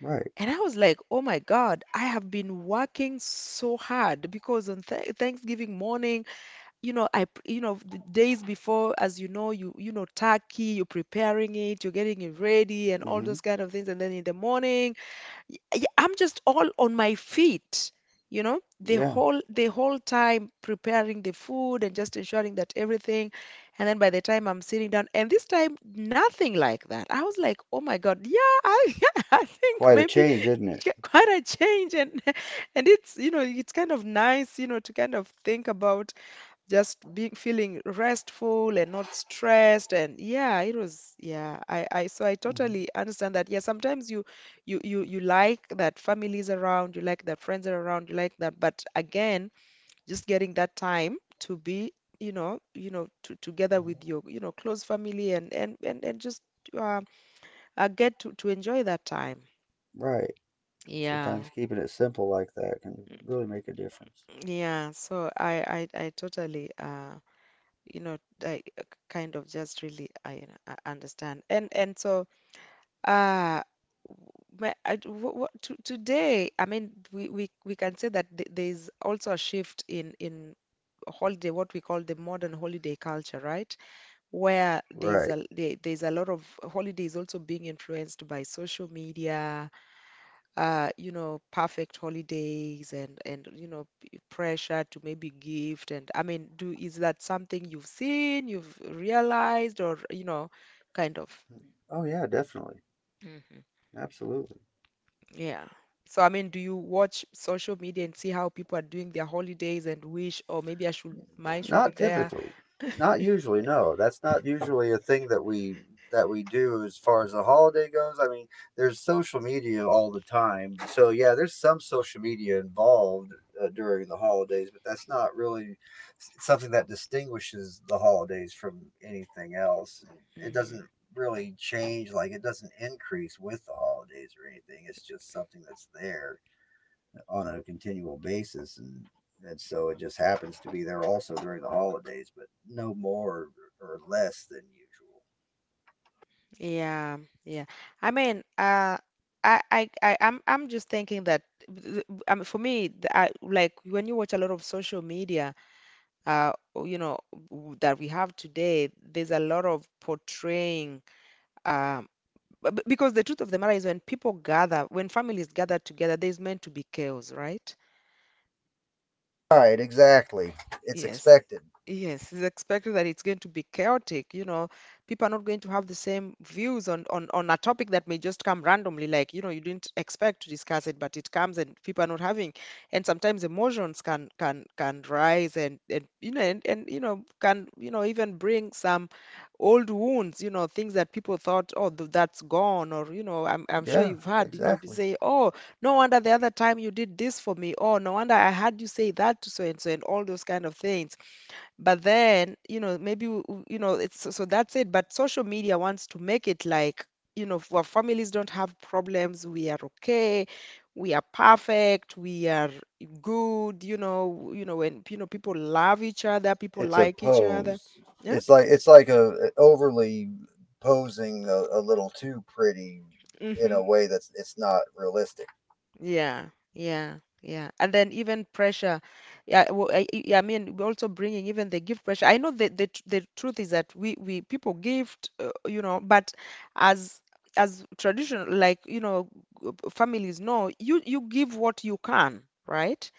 Right.
And I was like, oh my God, I have been working so hard. Because on th Thanksgiving morning, you know, you know, the days before, as you know, you know, turkey, you're preparing it, you're getting it ready and all
hmm
those kind of things. And then in the morning, y- y- I'm just all on my feet, you know,
Yeah.
the whole time preparing the food and just ensuring that everything. And then by the time I'm sitting down, and this time, nothing like that. I was like, oh my God, yeah, I, I think
Quite a
maybe
change, isn't it?
ch- quite a change, and and it's, you know, it's kind of nice, you know, to kind of think about just being, feeling restful and not stressed. And yeah, it was, yeah, I so I
hmm
totally understand that. Yeah, sometimes you you like that families around, you like that friends are around, you like that, but again, just getting that time to be, you know, to, together with your, you know, close family, and just uh, get to enjoy that time.
Right. Sometimes
Yeah.
keeping it simple like that can really make a difference.
Yeah, so I totally you know, I kind of just really you know, I understand. And so, uh my, I, what, to, today, I mean, we can say that th there's also a shift in holiday, what we call the modern holiday culture, right? Where there's
Right.
a there's a lot of holidays also being influenced by social media, perfect holidays and pressure to maybe gift. And I mean, do is that something you've seen, you've realized, or kind of?
Oh yeah, definitely.
Hmm.
Absolutely.
Yeah. So I mean, do you watch social media and see how people are doing their holidays and wish, or maybe I should, mine should be
Not
there?
typically. Not usually, no. That's not usually a thing that we do as far as a holiday goes. I mean, there's social media all the time. So yeah, there's some social media involved during the holidays, but that's not really something that distinguishes the holidays from anything else. It
Hmm.
doesn't really change. Like, it doesn't increase with the holidays or anything. It's just something that's there on a continual basis, and so it just happens to be there also during the holidays, but no more or less than usual.
Yeah, yeah. I mean, I'm just thinking that, I mean, for me, like when you watch a lot of social media. uh, you know, that we have today, there's a lot of portraying. Um, because the truth of the matter is, when people gather, when families gather together, there's meant to be chaos, right?
Right, exactly. It's
Yes.
expected.
Yes, it's expected that it's going to be chaotic. You know, people are not going to have the same views on a topic that may just come randomly, like, you didn't expect to discuss it, but it comes and people are not having. And sometimes emotions can rise and and can even bring some old wounds, you know, things that people thought, oh, that's gone, or you know, I'm sure
Yeah,
you've had, you know, you
exactly.
say, oh, no wonder the other time you did this for me. Oh, no wonder I heard you say that to so and so and all those kind of things. But then, you know, maybe, w- w- you know, it's so that's it. But social media wants to make it like, our families don't have problems. We are okay. We are perfect. We are good. People love each other, people
It's a
like each other.
pose.
Yeah.
It's like a overly posing a little too pretty in a
Hmm.
way that's it's not realistic.
Yeah, yeah, yeah. And then even pressure. Yeah, well, I mean, we're also bringing even the gift pressure. I know that the truth is that we people gift, but as as traditional, like, families know, you give what you can, right?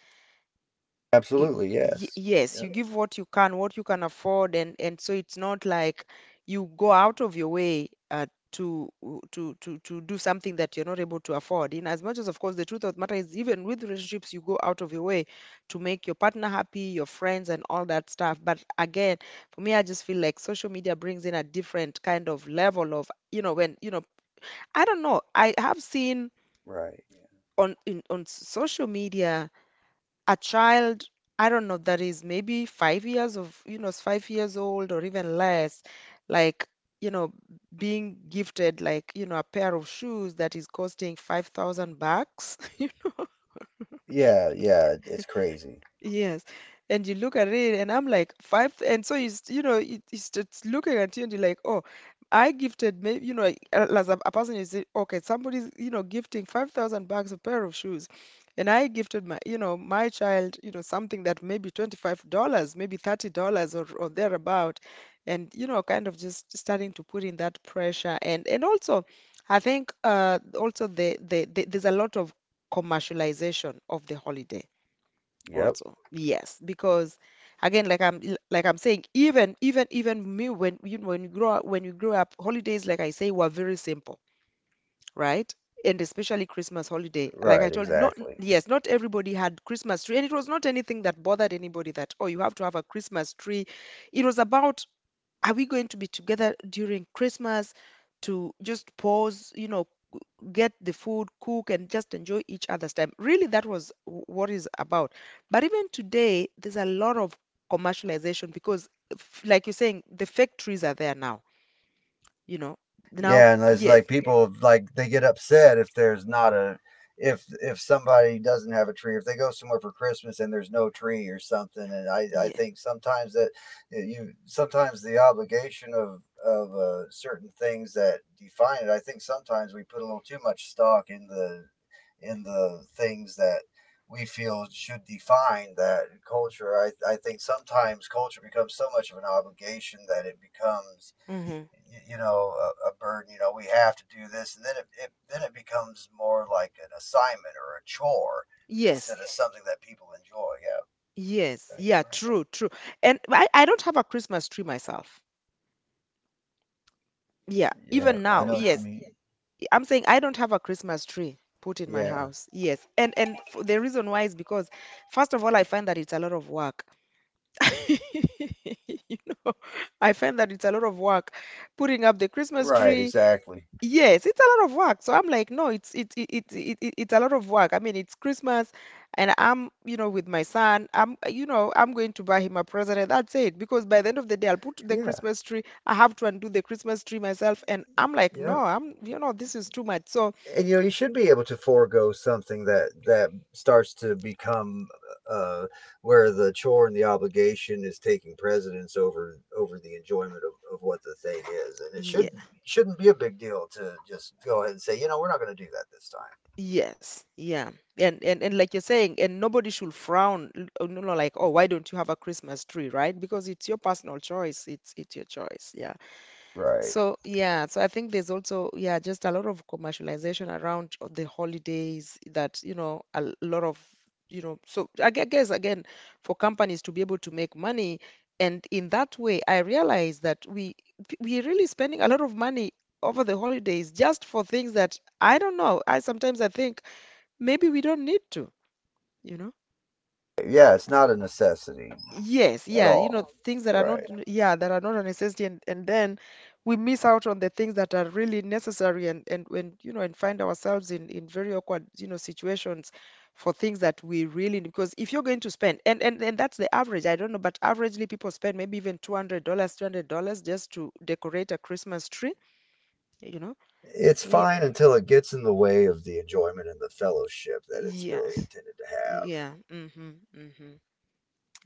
y-
Absolutely, yes.
yes,
Yep.
you give what you can afford, and so it's not like you go out of your way, to to do something that you're not able to afford. In as much as, of course, the truth of the matter is, even with relationships, you go out of your way to make your partner happy, your friends, and all that stuff. But again, for me, I just feel like social media brings in a different kind of level of, you know, when, you know, I don't know, I have seen
Right.
on social media a child, I don't know, that is maybe 5 years of, you know, 5 years old or even less, like, you know, being gifted like, you know, a pair of shoes that is costing 5,000 bucks.
Yeah, yeah, it's crazy.
Yes. And you look at it, and I'm like, five. And so it's, you know, it's just looking at you, and you're like, oh, I gifted, maybe, you know, like, as a person, you say, okay, somebody's, you know, gifting 5,000 bucks a pair of shoes. And I gifted my, you know, my child, you know, something that maybe $25, maybe $30, or thereabout. And, you know, kind of just starting to put in that pressure. And also, I think, also there's a lot of commercialization of the holiday
Yep.
also. Yes, because again, like I'm saying, even me, when you grow up when you grow up, holidays, like I say, were very simple, right? And especially Christmas holiday, like I
Right,
told, not,
exactly.
yes, not everybody had Christmas tree, and it was not anything that bothered anybody that, oh, you have to have a Christmas tree. It was about, are we going to be together during Christmas, to just pause, you know, get the food, cook, and just enjoy each other's time. Really, that was what it's about. But even today, there's a lot of commercialization because, like you're saying, the factories are there now. You know, now,
Yeah, and it's
yes,
like people, like, they get upset if there's not a, if somebody doesn't have a tree, if they go somewhere for Christmas and there's no tree or something. And I
yeah.
think sometimes that you sometimes the obligation of certain things that define it, I think sometimes we put a little too much stock in the things that we feel should define that culture. I think sometimes culture becomes so much of an obligation that it becomes,
Hmm.
you know, a burden. You know, we have to do this, and then it then it becomes more like an assignment or a chore
Yes,
instead of something that people enjoy. Yeah,
yes,
that's
yeah,
exactly
true, true. And I don't have a Christmas tree myself. Yeah,
right. Yeah,
even
I
now,
know what you
yes.
mean.
I'm saying I don't have a Christmas tree put in my
Yeah,
house. Yes. And f the reason why is because first of all I find that it's a lot of work. You know, I find that it's a lot of work putting up the Christmas
right,
tree.
exactly.
Yes, it's a lot of work. So I'm like, no, it's it it it, it it- it's a lot of work. I mean, it's Christmas, and I'm, with my son. I'm you know I'm going to buy him a present, and that's it. Because by the end of the day, I'll put the
Yeah.
Christmas tree. I have to undo the Christmas tree myself, and I'm like, no,
Yeah.
I'm, this is too much. So
And you know, you should be able to forego something that that starts to become uh, where the chore and the obligation is taking precedence over the enjoyment of what the thing is. And it shouldn't be a big deal to just go ahead and say, you know, we're not going to do that this time.
yes, yeah. And like you're saying, and nobody should frown, like, oh, why don't you have a Christmas tree, right? Because it's your personal choice. It's your choice. Yeah.
Right.
So yeah, so I think there's also, yeah, just a lot of commercialization around the holidays that, you know, a lot of, you know, so I guess again, for companies to be able to make money, and in that way, I realize that we're really spending a lot of money over the holidays just for things that I don't know. I Sometimes I think maybe we don't need to, you know?
Yeah, it's not a necessity
Yes,
at
yeah, you know,
all.
things that are not,
Right.
yeah, that are not a necessity. And then we miss out on the things that are really necessary, and and find ourselves in very awkward, you know, situations for things that we really need. Because if you're going to spend, and that's the average, I don't know, but averagely people spend maybe even $200, $300 just to decorate a Christmas tree, you know?
It's
Yeah,
fine until it gets in the way of the enjoyment and the fellowship that it's really
yes,
intended to have.
yeah, mm-hmm, mm-hmm.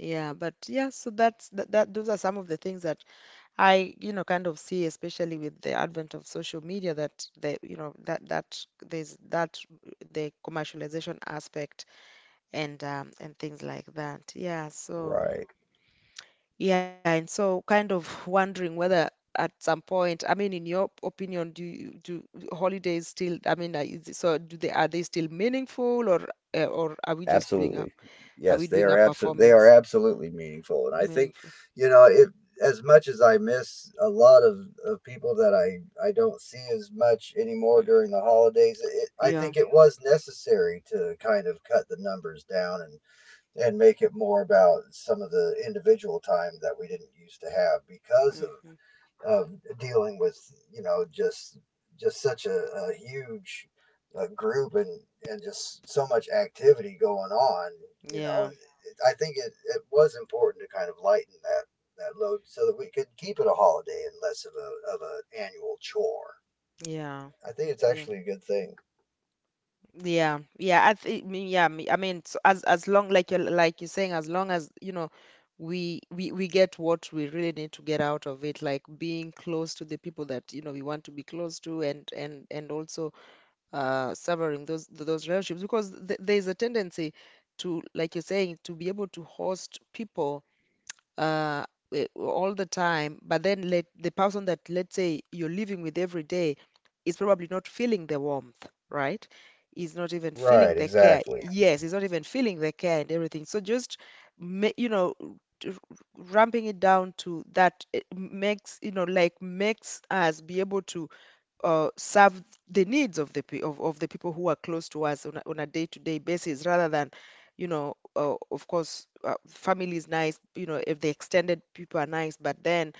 Yeah, but yeah, so that's that, that those are some of the things that I, you know, kind of see, especially with the advent of social media, that the, you know, that there's that the commercialization aspect and, and things like that. Yeah. So
Right.
yeah, and so kind of wondering whether at some point, I mean, in your opinion, do holidays still, I mean, so do they are they still meaningful, or, or are we just doing a,
Absolutely.
are
Yes,
we doing a
they are
performance,
absolutely meaningful, and I think,
meaningful?
you know, if as much as I miss a lot of people that I don't see as much anymore
Mm.
during the holidays, I
Yeah.
think it was necessary to kind of cut the numbers down, and make it more about some of the individual time that we didn't used to have because of
Hmm.
of dealing with, you know, just such a huge group and just so much activity going on, you know.
Yeah.
I think it was important to kind of lighten that load so that we could keep it a holiday and less of a of an annual chore.
Yeah.
I think it's
Yeah.
actually a good thing.
Yeah, yeah, I think, yeah, I mean, so as long like you're saying, as long as you know, we get what we really need to get out of it, like being close to the people that you know we want to be close to, and also, severing those relationships because th there's a tendency to, like you're saying, to be able to host people, uh, all the time. But then let the person, that let's say, you're living with every day is probably not feeling the warmth, right? He's not even feeling
Right,
the care.
exactly.
Yes, he's not even feeling the care and everything. So just, ma- you know r- ramping it down to that. It makes you know like Makes us be able to, serve the needs of the people who are close to us on a day-to-day basis, rather than, of course, family is nice, if the extended people are nice, but then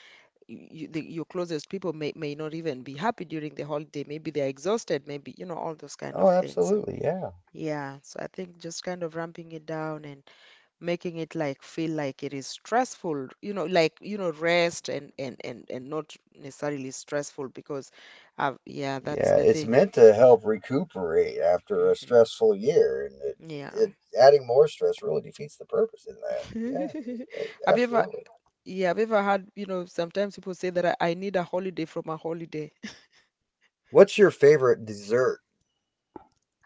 your closest people may not even be happy during the holiday, maybe they're exhausted, maybe, all those kind of
Oh
things. So
absolutely, yeah.
yeah, so I think just kind of ramping it down and making it like, feel like it is stressful, rest, and not necessarily stressful, because I've, yeah, that's
Yeah,
the
it's
thing.
meant to help recuperate after a
Hmm.
stressful year, and it,
Yeah.
it adding more stress really defeats the purpose in that. Yeah,
Have you ever,
absolutely.
yeah have you ever had, you know, sometimes people say that I need a holiday from a holiday?
What's your favorite dessert?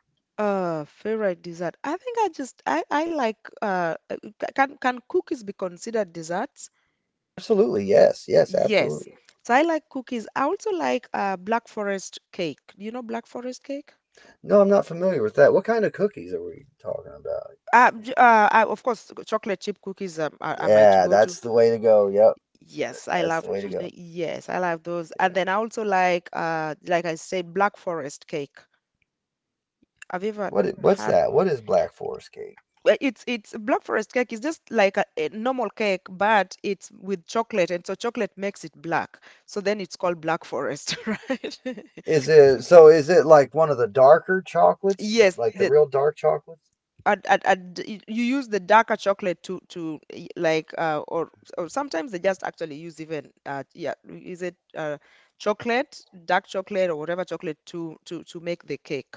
favorite dessert? I think I like, can cookies be considered desserts?
Absolutely, yes, yes,
Yes.
absolutely.
So I like cookies. I also like, Black Forest cake. Do you know Black Forest cake?
No, I'm not familiar with that. What kind of cookies are we talking about?
I, of course, chocolate chip cookies are my
Yeah,
to-go to.
that's the way to go. Yep,
Yes, I
that's
love,
the way to
you know,
go.
yes, I love those.
Yeah.
And then I also like I said, Black Forest cake. Have you ever
What's
had?
that? What is Black Forest cake?
Well, it's Black Forest cake is just like a normal cake, but it's with chocolate, and so chocolate makes it black. So then it's called Black Forest, right?
Is it so? Is it like one of the darker chocolates,
Yes,
like the
the,
real dark chocolates?
you use the darker chocolate like, or sometimes they just actually use even, yeah, is it, chocolate, dark chocolate, or whatever chocolate to make the cake.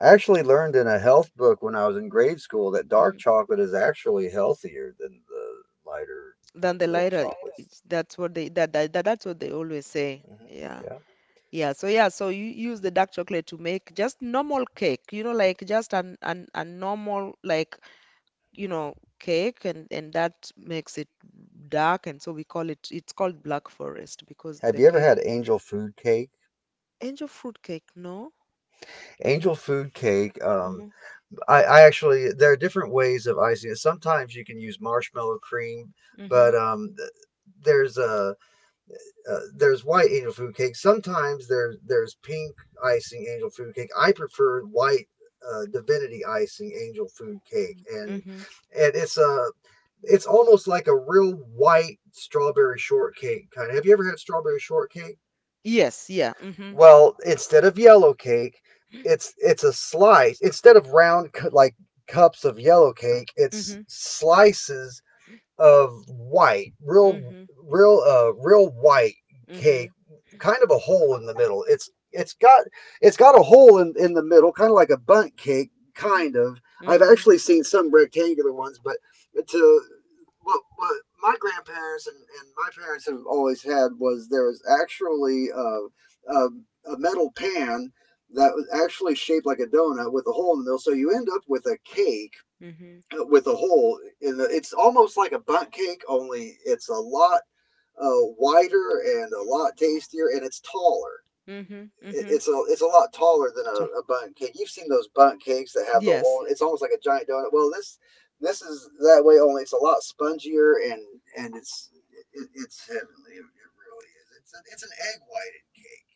I actually learned in a health book when I was in grade school that dark
Mhm.
chocolate is actually healthier than the lighter
Than the
milk
lighter.
chocolates.
That's what they always say,
hmm
yeah.
Yeah.
You use the dark chocolate to make just normal cake, you know, like just an a normal, like, cake, and that makes it dark, and so we call it it's called Black Forest because
Have
the
you ever had
cake.
angel food cake?
Angel fruit cake, no?
Angel food cake,
Mm-hmm.
I actually, there are different ways of icing it. Sometimes you can use marshmallow cream,
Mm-hmm.
but there's a there's white angel food cake. Sometimes there's pink icing angel food cake. I prefer white divinity icing angel food cake,
Mm-hmm.
and it's a, it's almost like a real white strawberry shortcake kind of. Have you ever had strawberry shortcake?
Yes, yeah. Mm-hmm.
Well, instead of yellow cake, it's a slice. Instead of round, like cups of yellow cake, it's
Mm-hmm.
slices of white, real,
Mm-hmm.
real white
Mm-hmm.
cake, kind of a hole in the middle. It's got a hole in the middle, kind of like a bundt cake, kind of. I've
Mm-hmm.
actually seen some rectangular ones, but to what my grandparents and my parents have always had was there was actually a metal pan that was actually shaped like a donut with a hole in the middle, so you end up with a cake
Mm-hmm.
with a hole in the. It's almost like a bunt cake, only it's a lot wider and a lot tastier, and it's taller.
Mm-hmm.
It,
Mm-hmm.
it's a it's a lot taller than
So,
a bunt cake. You've seen those bunt cakes that have the
yes.
hole. It's almost like a giant donut. Well, this is that way, only it's a lot spongier, and and it's it's heavenly. It really is. It's an egg white cake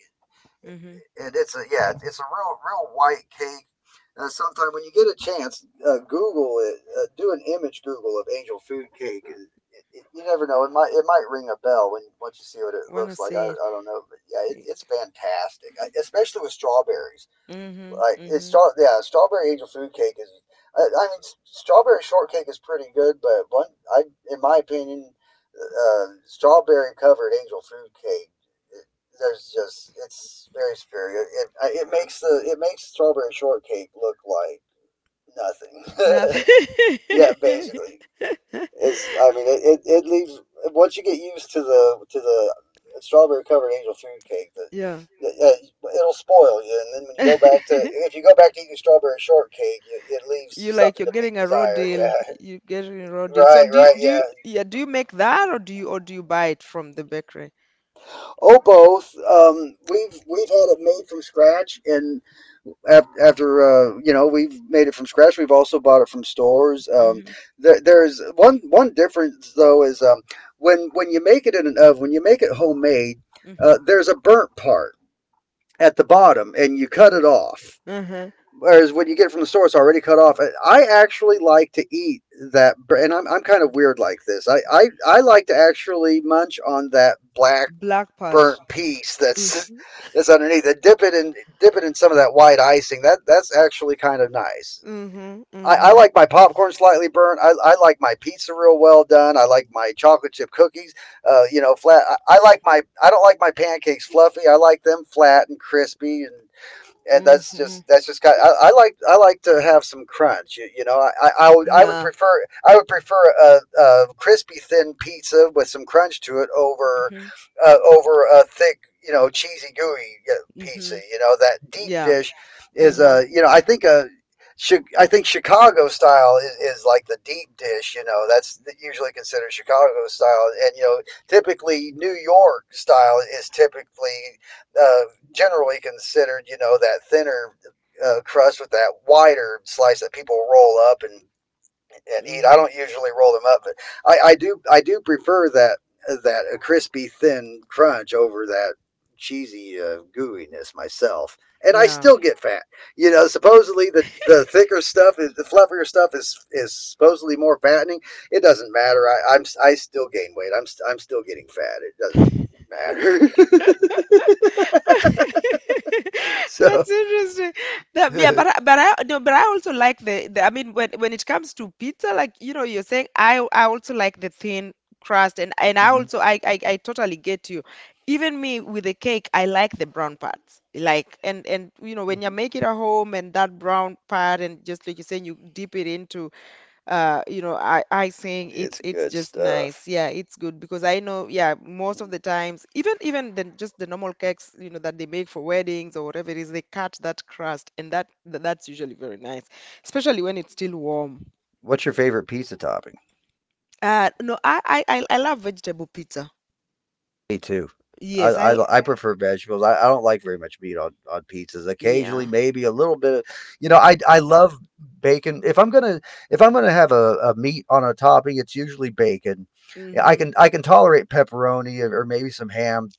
Mm-hmm.
and it's a it's a real white cake. Sometime when you get a chance, Google it. Do an image Google of angel food cake. You never know. It might ring a bell when once you see what it
When I
looks like. I,
say
I don't know, but yeah,
it.
it's fantastic, especially with strawberries.
Mm-hmm.
Like
Mm-hmm.
strawberry angel food cake is. I mean, strawberry shortcake is pretty good, but I, in my opinion, strawberry covered angel food cake, it, there's just it's very superior. It makes the it makes strawberry shortcake look like nothing.
Nothing.
Yeah, basically. Is I mean it leaves once you get used to the strawberry covered angel food cake that
Yeah.
it'll spoil you and then when you go back to if you go back to eating strawberry shortcake it leaves something
You're
to be
getting a raw
desired.
deal. You're
Yeah,
getting a raw deal. So
right, right,
do you
yeah.
yeah, do you make that, or do you buy it from the bakery?
Oh, both. We've had it made from scratch, and af- after you know, we've made it from scratch, we've also bought it from stores.
Mhm.
There's one difference though is, when you make it in an oven, when you make it homemade,
Mhm.
there's a burnt part at the bottom, and you cut it off,
Mm-hmm.
whereas when you get it from the store, it's already cut off. Actually, like to eat that. And I'm kind of weird like this. I like to actually munch on that black
Black
burnt
part.
piece
Mm.
that's underneath it. Dip it in some of that white icing. That's actually kind of nice.
Mm-hmm.
I
Mm-hmm.
like my popcorn slightly burnt. I like my pizza real well done. I like my chocolate chip cookies, you know, flat. I like my I don't like my pancakes fluffy. I like them flat and crispy, and
Mm-hmm.
that's just kind of, I like to have some crunch. You know, I would
Yeah.
prefer a crispy thin pizza with some crunch to it over
Mhm.
over a thick, you know, cheesy gooey,
Mhm.
pizza.
Mm-hmm.
You know, that deep
Yeah.
dish is a
Mm-hmm.
I think Chicago style is like the deep dish, you know. That's usually considered Chicago style, and you know, typically New York style is typically, uh, generally considered, you know, that thinner, crust with that wider slice that people roll up and eat. I
Mm-hmm.
don't usually roll them up, but I do prefer that a crispy thin crunch over that cheesy, gooiness myself. And I
Yeah.
still get fat. You know, supposedly the thicker stuff is the fluffier stuff is supposedly more fattening. It doesn't matter. I still gain weight. I'm still getting fat. It doesn't matter. So.
That's interesting. Yeah, but I no, but I also like the I mean, when it comes to pizza, like, you know, you're saying, I also like the thin crust, and I
Hmm.
also, I totally get you. Even me with the cake, I like the brown parts. Like, and you know, when you
Mhm.
make it at home, and that brown part, and just like you're saying, you dip it into, you know, I saying
It's
it's
good
just
stuff.
nice, yeah. It's good because I know, yeah, most of the times, even the, just the normal cakes, you know, that they make for weddings or whatever it is, they cut that crust, and that's usually very nice. Especially when it's still warm.
What's your favorite pizza topping?
No, I love vegetable pizza.
Me too.
Yes.
I prefer vegetables. I don't like very much meat on pizzas. Occasionally,
Yeah.
maybe a little bit of, you know, I love bacon. If I'm gonna have a meat on a topping, it's usually bacon.
Mm-hmm.
I can tolerate pepperoni or maybe some ham.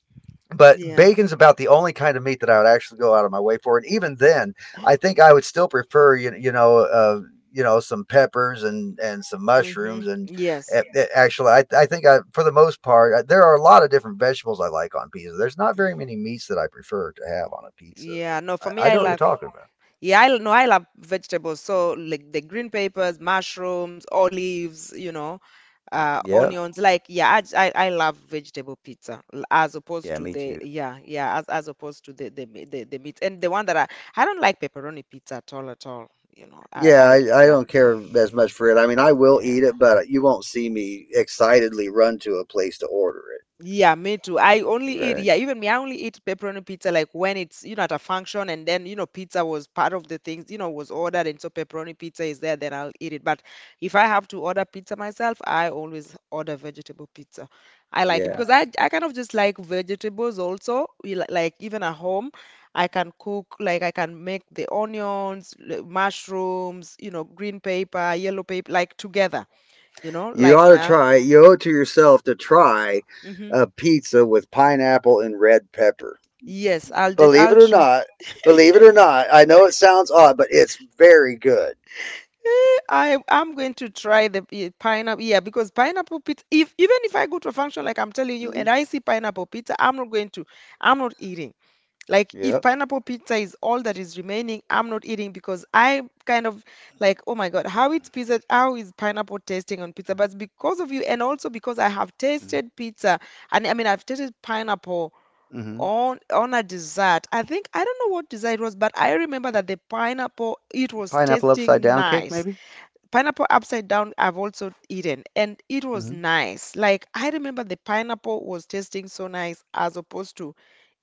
But
Yeah.
bacon's about the only kind of meat that I would actually go out of my way for, and even then, I think I would still prefer, you know, you know, some peppers and some
Mm-hmm.
mushrooms and
Yes.
actually I think I, for the most part, I, there are a lot of different vegetables I like on pizza. There's not very many meats that I prefer to have on a pizza. So
yeah no for me
I
i
know what you're
love
talking about.
Yeah, I l- no, I love vegetables. So like the green peppers, mushrooms, olives, you know,
Yeah.
onions, like, yeah. I love vegetable pizza, as opposed
Yeah,
to
me
the,
too.
yeah, yeah, as opposed to the, the meat, and the one that I... I don't like pepperoni pizza at all, at all. You know, I
Yeah,
I
I
yeah.
don't care as much for it. I mean, I will eat it,
Yeah.
but you won't see me excitedly run to a place to order
Yeah, me too. I only
it.
eat,
Right.
yeah, even me, I only eat pepperoni pizza like when it's, you know, at a function, and then, you know, pizza was part of the things, you know, was ordered, and so pepperoni pizza is there, then I'll eat it. But if I have to order pizza myself, I always order vegetable pizza. I like it
Yeah.
because I kind of just like vegetables also. Like even at home, I can cook, I can make the onions, mushrooms, you know, green pepper, yellow pepper, like, together, you know,
You
like
ought to
that.
try. You owe it to yourself to try
Hmm.
a pizza with pineapple and red pepper.
Yes,
Believe
I'll
it or
try.
not, I know it sounds odd, but it's very good.
I'm going to try the pineapple. Yeah, because pineapple pizza. If, even if I go to a function, like I'm telling you,
Hmm.
and I see pineapple pizza, I'm not going to. I'm not eating. Like if
Yep.
pineapple pizza is all that is remaining, I'm not eating, because I kind of like, oh my God, how it's pizza? How is pineapple tasting on pizza? But because of you, and also because I have tasted pizza, and I mean, I've tasted pineapple
Hmm.
on a dessert. I think, I don't know what dessert it was, but I remember that the pineapple, it was
Pineapple upside
tasting
down cake,
nice.
maybe.
Pineapple upside down I've also eaten, and it was
Hmm.
nice. Like I remember the pineapple was tasting so nice, as opposed to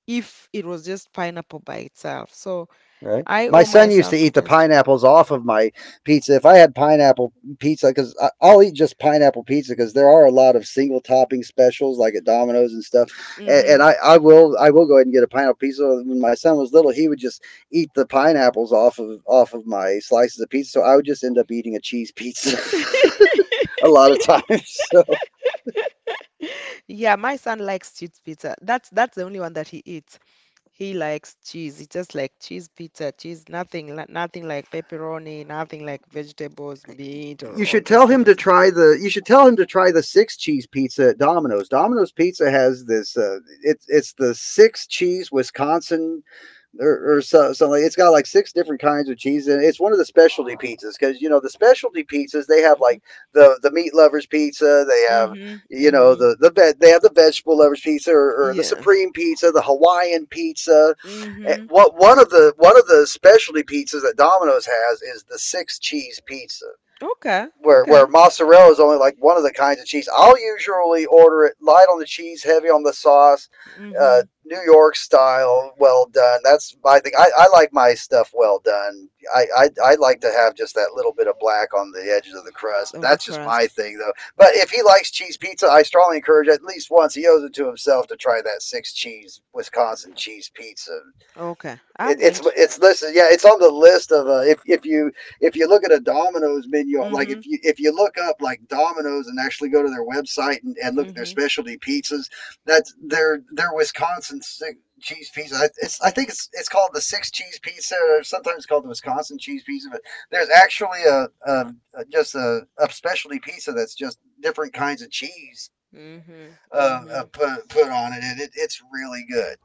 if it was just pineapple by itself. So
Right.
I
My
owe
son used to
myself to
eat the
test.
pineapples off of my pizza. If I had pineapple pizza, because I'll eat just pineapple pizza, because there are a lot of single topping specials like at Domino's and stuff. And
Hmm.
I will go ahead and get a pineapple pizza. When my son was little, he would just eat the pineapples off of my slices of pizza. So I would just end up eating a cheese pizza a lot of times. So
Yeah, my son likes cheese pizza. That's the only one that he eats. He likes cheese. He just like cheese pizza, cheese, nothing, nothing like pepperoni, nothing like vegetables, meat, or
you
all
should
those
tell
kind
him
of.
to try the you should tell him to try the six cheese pizza at Domino's. Domino's Pizza has this, it's the six cheese Wisconsin, or so, something. Like, it's got like six different kinds of cheese and it's one of the specialty pizzas because you know the specialty pizzas they have, like
Mhm.
the meat lovers pizza. They have, you know,
Mhm.
they have the vegetable lovers pizza, or the
Yes.
supreme pizza, the Hawaiian pizza. Eh,
Mhm.
What one of the specialty pizzas that Domino's has is the six cheese pizza
Okay.
where
Okay.
mozzarella is only like one of the kinds of cheese. I'll usually order it light on the cheese, heavy on the sauce,
Mhm.
New York style, well done. That's my thing. I like my stuff well done. I like to have just that little bit of black on the edges of the crust.
Of the
That's just my
crust.
thing though. But if he likes cheese pizza, I strongly encourage at least once, he owes it to himself to try that six cheese Wisconsin cheese pizza.
Okay.
It,
I'm
it's
going to.
it's listen, yeah, it's on the list of, if you look at a Domino's menu, like
Mhm.
if you look up like Domino's and actually go to their website and look at their
Mhm.
specialty pizzas, that's their Wisconsin cheese pizza. It's, I think it's called the six cheese pizza, or sometimes called the Wisconsin cheese pizza. But there's actually a just a specialty pizza that's just different kinds of cheese
Mhm. Mhm.
put on it, and it's really good,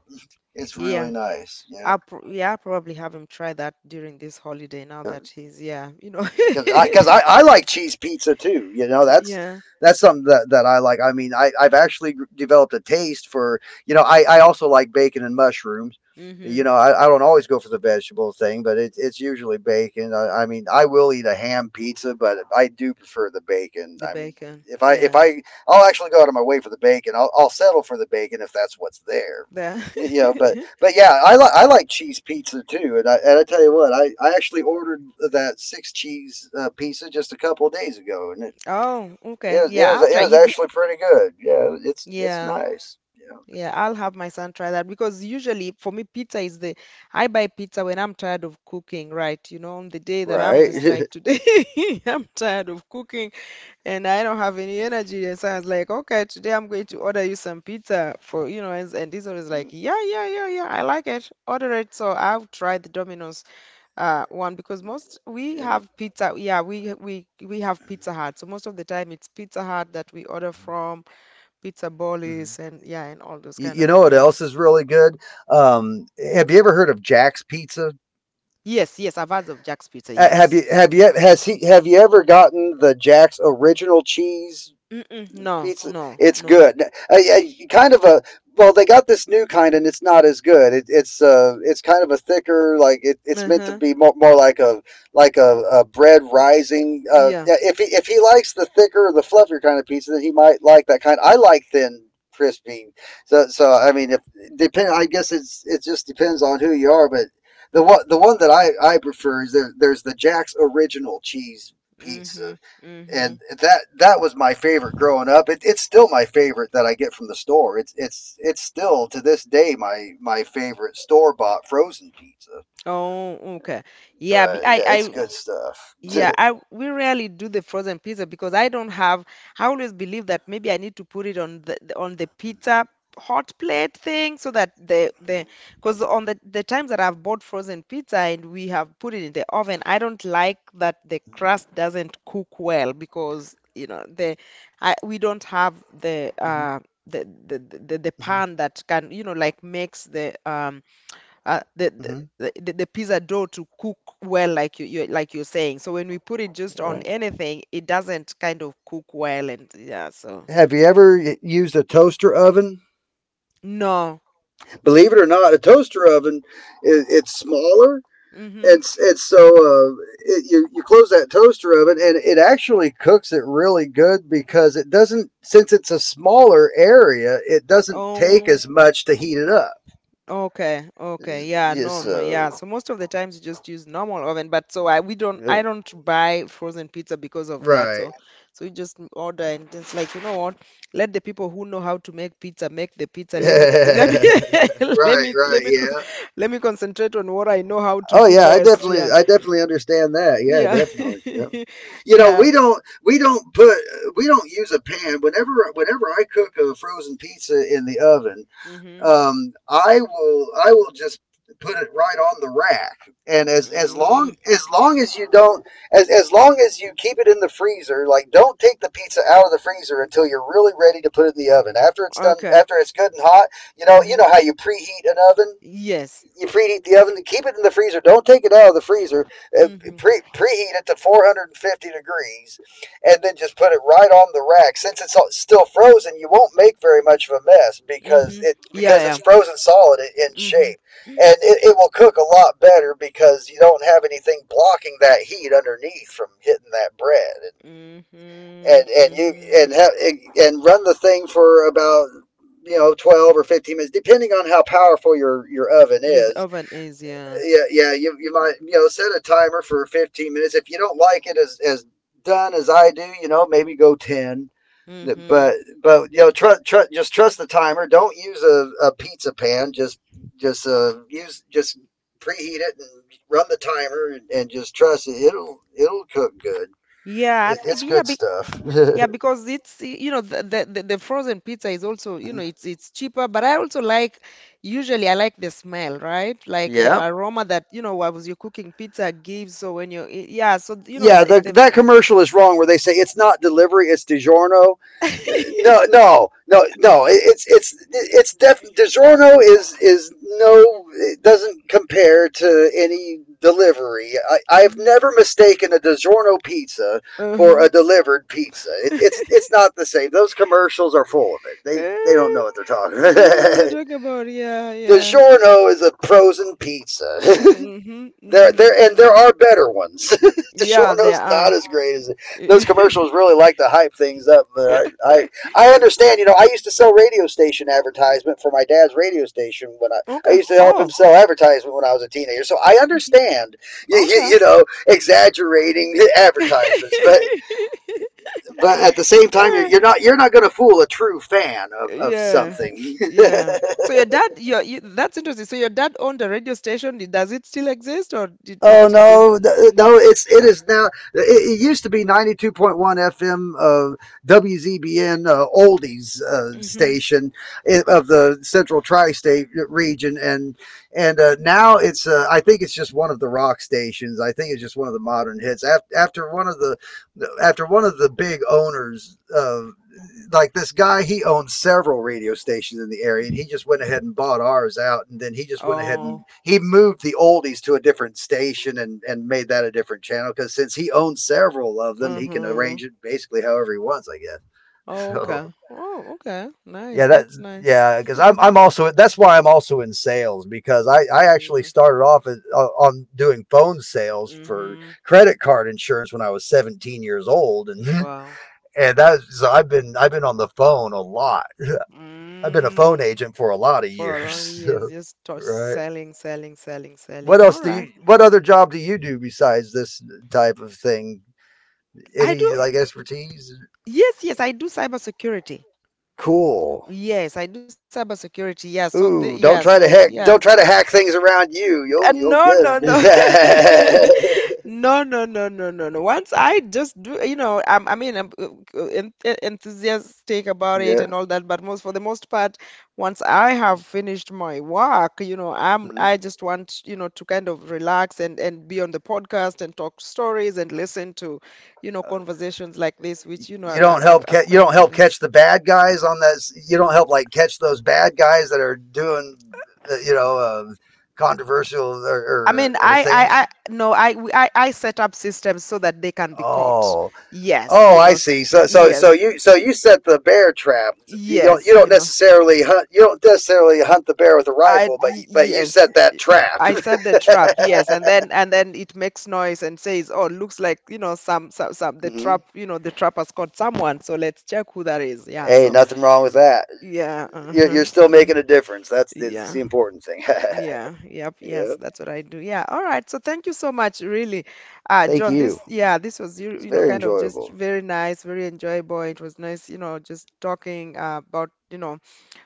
it's really
Yeah.
nice, yeah.
I'll, yeah, I'll probably have him try that during this holiday, now that he's, yeah, you know.
because I like cheese pizza too. You know, that's
Yeah.
something that, that I like. I mean, I've actually developed a taste for, you know, I also like bacon and mushrooms. You
Mhm.
know, I don't always go for the vegetable thing, but it's usually bacon. I mean, I will eat a ham pizza, but I do prefer the bacon.
The
I mean,
bacon.
if I if
Yeah.
I I'll actually go out of my way for the bacon. I'll settle for the bacon if that's what's there.
The...
You know, but yeah, I like cheese pizza too. And I tell you what, I actually ordered that six cheese, pizza just a couple of days ago, and
Oh, okay. Yeah, I'll
it
try.
was
You...
actually pretty good. Yeah, it's
Yeah,
nice. Yeah,
yeah, I'll have my son try that. Because usually for me, pizza is the... I buy pizza when I'm tired of cooking, right? You know, on the day that I'm
right.
just like today, I'm tired of cooking and I don't have any energy. And so I was like, okay, today I'm going to order you some pizza for, you know, and this one is like, yeah, yeah, yeah, yeah, I like it. Order it. So I'll try the Domino's, one, because most, we
Yeah.
have pizza, yeah, we have Pizza Hut. So most of the time it's Pizza Hut that we order from. Pizza
Mhm.
Bollies, and yeah, and all those kind
You
of,
know what
yeah.
else is really good? Um, have you ever heard of Jack's Pizza?
Yes, yes, I've heard of Jack's Pizza, yes.
Have you ever gotten the Jack's original cheese
Mm-mm, no,
pizza?
no,
It's
no.
good. A- kind of a Well, they got this new kind, and it's not as good. It's, it's kind of a thicker, like it's meant to
Uh-huh.
be more, more like a bread rising.
Yeah.
Yeah, if he likes the thicker, the fluffier kind of pizza, then he might like that kind. I like thin, crispy. So I mean, if depend, I guess it's it just depends on who you are. But the one that I prefer is there's the Jack's original cheese
Mm-hmm.
pizza,
Mm-hmm.
and that was my favorite growing up. It's still my favorite that I get from the store. It's still to this day my favorite store bought frozen pizza.
Oh, okay. Yeah,
But yeah, it's
I...
good stuff.
Yeah, I, we rarely do the frozen pizza because I don't have... I always believe that maybe I need to put it on the on the pizza hot plate thing, so that the... because on the times that I've bought frozen pizza and we have put it in the oven, I don't like that the crust doesn't cook well, because you know the... I, we don't have the
Hmm.
the
Hmm.
pan that can, you know, like, makes the uh, the,
Hmm.
the pizza dough to cook well, like you, like you're saying. So when we put it just
All
on
right.
anything, it doesn't kind of cook well, and yeah, so...
Have you ever used a toaster oven?
No.
Believe it or not, a toaster oven, it's smaller,
Mm-hmm.
and you close that toaster oven and it actually cooks it really good because it doesn't, since it's a smaller area, it doesn't take
Oh.
as much to heat it up.
Okay, okay.
Yes.
Yeah,
Yeah,
no, no, yeah.
so
So most of the times you just use normal oven, but so I, we don't,
yeah.
I don't buy frozen pizza because of that.
Right.
So so you just order, and it's like, you know what? Let the people who know how to make pizza make the pizza. Let me, let
Right,
me,
right,
let me
yeah.
let me concentrate on what I know how to
Oh
do
yeah,
best. Yeah.
I definitely understand that. Yeah,
Yeah.
definitely. Yeah. You know,
Yeah.
we don't put we don't use a pan whenever whenever I cook a frozen pizza in the oven.
Mm-hmm.
I will just put it right on the rack. And as as long
Mm,
as long as you don't as long as you keep it in the freezer. Like, don't take the pizza out of the freezer until you're really ready to put it in the oven. After it's done,
okay.
after it's good and hot, you
Uh-huh.
know how you preheat an oven?
Yes.
You preheat the oven, keep it in the freezer. Don't take it out of the freezer. Uh,
Mm-hmm.
preheat it to 450 degrees, and then just put it right on the rack. Since it's still frozen, you won't make very much of a mess, because
Mm-hmm. Yeah,
it's
yeah.
frozen solid in
Mm-hmm.
shape, and it will cook a lot better because you don't have anything blocking that heat underneath from hitting that bread.
Mm-hmm.
And you
Mm-hmm.
and have and run the thing for about, 12 or 15 minutes, depending on how powerful your oven
Yeah, the
is.
oven is, yeah.
Yeah, yeah. You might, set a timer for 15 minutes. If you don't like it as done as I do, maybe go 10.
Mm-hmm.
But just trust the timer. Don't use a pizza pan. Just use just preheat it and run the timer, and just trust it. It'll cook good.
Yeah, I
It,
th
it's
yeah,
good
be
stuff.
yeah, because it's, you know, the, the frozen pizza is also, you know, it's cheaper, but I also like, usually I like the smell, right? Like the
Yeah.
aroma that, you know, while you're cooking pizza gives. So when you're yeah, so you know,
Yeah,
the, the
that commercial is wrong where they say it's not delivery, it's DiGiorno. No, no, no, no. It's def. DiGiorno is no. It doesn't compare to any delivery. I've
Mhm.
never mistaken a DiGiorno pizza for
Uh-huh.
a delivered pizza. It's it's not the same. Those commercials are full of it. They don't
Eh,
know what they're talking.
They don't know what
about.
they're talking about. Yeah, yeah.
DiGiorno is a frozen pizza.
Mm-hmm.
There,
Mm-hmm.
there, and there
Mm-hmm.
are better ones.
Yeah, they
DiSorno's not
are.
as great as it. Those commercials really like to hype things up, but I understand. You know, I used to sell radio station advertisement for my dad's radio station when I
Okay.
used to help him
Oh.
sell advertisement when I was a teenager. So I
Mhm.
understand,
Okay.
you know, exaggerating advertisements, but at the same time,
Yeah.
you're not going to fool a true fan of
Yeah.
something.
Yeah. So your dad, your you, that's interesting. So your dad owned a radio station. Did, does it still exist, or did it
Oh
did?
no, no! It's it is now. It used to be 92.1 FM of WZBN, Oldies
Mm-hmm.
station, of the Central Tri-State region, and now it's, uh, I think it's just one of the rock stations. I think it's just one of the modern hits. After one of the big owners of, like, this guy, he owns several radio stations in the area, and he just went ahead and bought ours out, and then he just went ahead and
Oh.
he moved the oldies to a different station, and made that a different channel, because since he owns several of them, he can
Mm-hmm.
arrange it basically however he wants, I guess.
Oh, okay. Oh, okay.
So
Nice.
yeah,
That's nice.
because I'm
Mhm.
I'm also, that's why I'm also in sales, because I actually
Mm.
started off as, on doing phone sales for
Mm-hmm.
credit card insurance when I was 17 years old, and
Wow.
and that's, so I've been on the phone a lot. I've been a phone
Mm.
agent for a lot of
For a lot of
years.
years, just
Right?
selling, selling, selling,
What
selling. All
else do
right.
you? What other job do you do besides this type of thing?
I
Any,
do.
like, expertise?
Yes, yes, I do cybersecurity.
Cool.
Yes, I do cybersecurity. Yeah, so the, yeah,
Ooh, don't
so
try to
yeah.
hack. Don't try to hack things around you. You'll
No, no,
get
no.
it.
No, no, no, no, no, no. Once I just do, you know, I'm, I mean, I'm, enthusiastic about it
Yeah.
and all that, but most, for the most part, once I have finished my work, you know, I'm,
Hmm.
I just want, you know, to kind of relax and be on the podcast and talk stories and listen to, you know, conversations like this, which, you know,
You don't help.
are
You
quite
don't
very
help
nice.
catch the bad guys on that. You don't help, like, catch those bad guys that are doing, you know, controversial
I mean,
or things.
I, no, I, I set up systems so that they can be caught.
Oh.
Yes,
Oh,
you
I
know,
see. So,
yes,
so you set the bear trap.
yes,
You don't
you know,
necessarily hunt. You don't necessarily hunt the bear with a rifle, but you set
yes,
that trap.
I set the trap. Yes, and then it makes noise and says, "Oh, looks like, you know, some, the
Hmm.
trap, you know, the trap has caught someone. So let's check who that is." Yeah.
Hey,
So
nothing wrong with that.
yeah, uh-huh,
You're still
uh-huh,
making a difference. That's
yeah.
the important thing.
Yeah, yep,
Yeah.
yes, that's what I do. Yeah, all right. So thank you so much, really,
Thank
John.
you.
This, yeah, this was, you,
It's
you know,
very
kind of just
enjoyable.
very nice, very enjoyable. It was nice, you know, just talking, about, you know,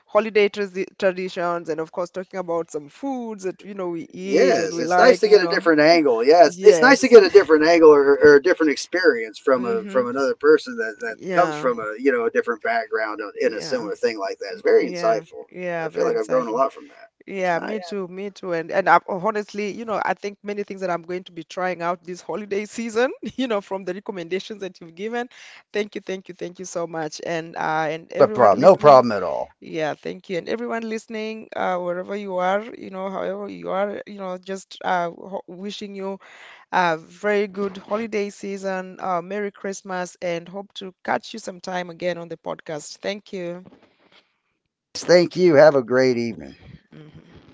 holiday traditions, and of course talking about some foods that, you know, we eat and
Yes,
we
it's nice
like,
to
you
get a
know.
different angle. Yeah, it's nice to
Yes.
get a different angle or, a different experience from a
Mm-hmm.
from another person that, that comes
Yeah,
from a, you know, a different background in a
yeah,
similar thing like that. It's very
yeah,
insightful.
yeah.
I feel
Very
like I've grown a
insightful.
lot from that. It's
Yeah, me
nice.
too, me too. And I, honestly, you know, I think many things that I'm going to be trying out this holiday season, you know, from the recommendations that you've given. Thank you, thank you, thank you so much. And
No
everyone
problem. No
listening,
problem at all.
yeah, thank you. And everyone listening, wherever you are, you know, however you are, you know, just ho wishing you a very good holiday season, Merry Christmas, and hope to catch you sometime again on the podcast. Thank you.
Thank you. Have a great evening.
Mhm.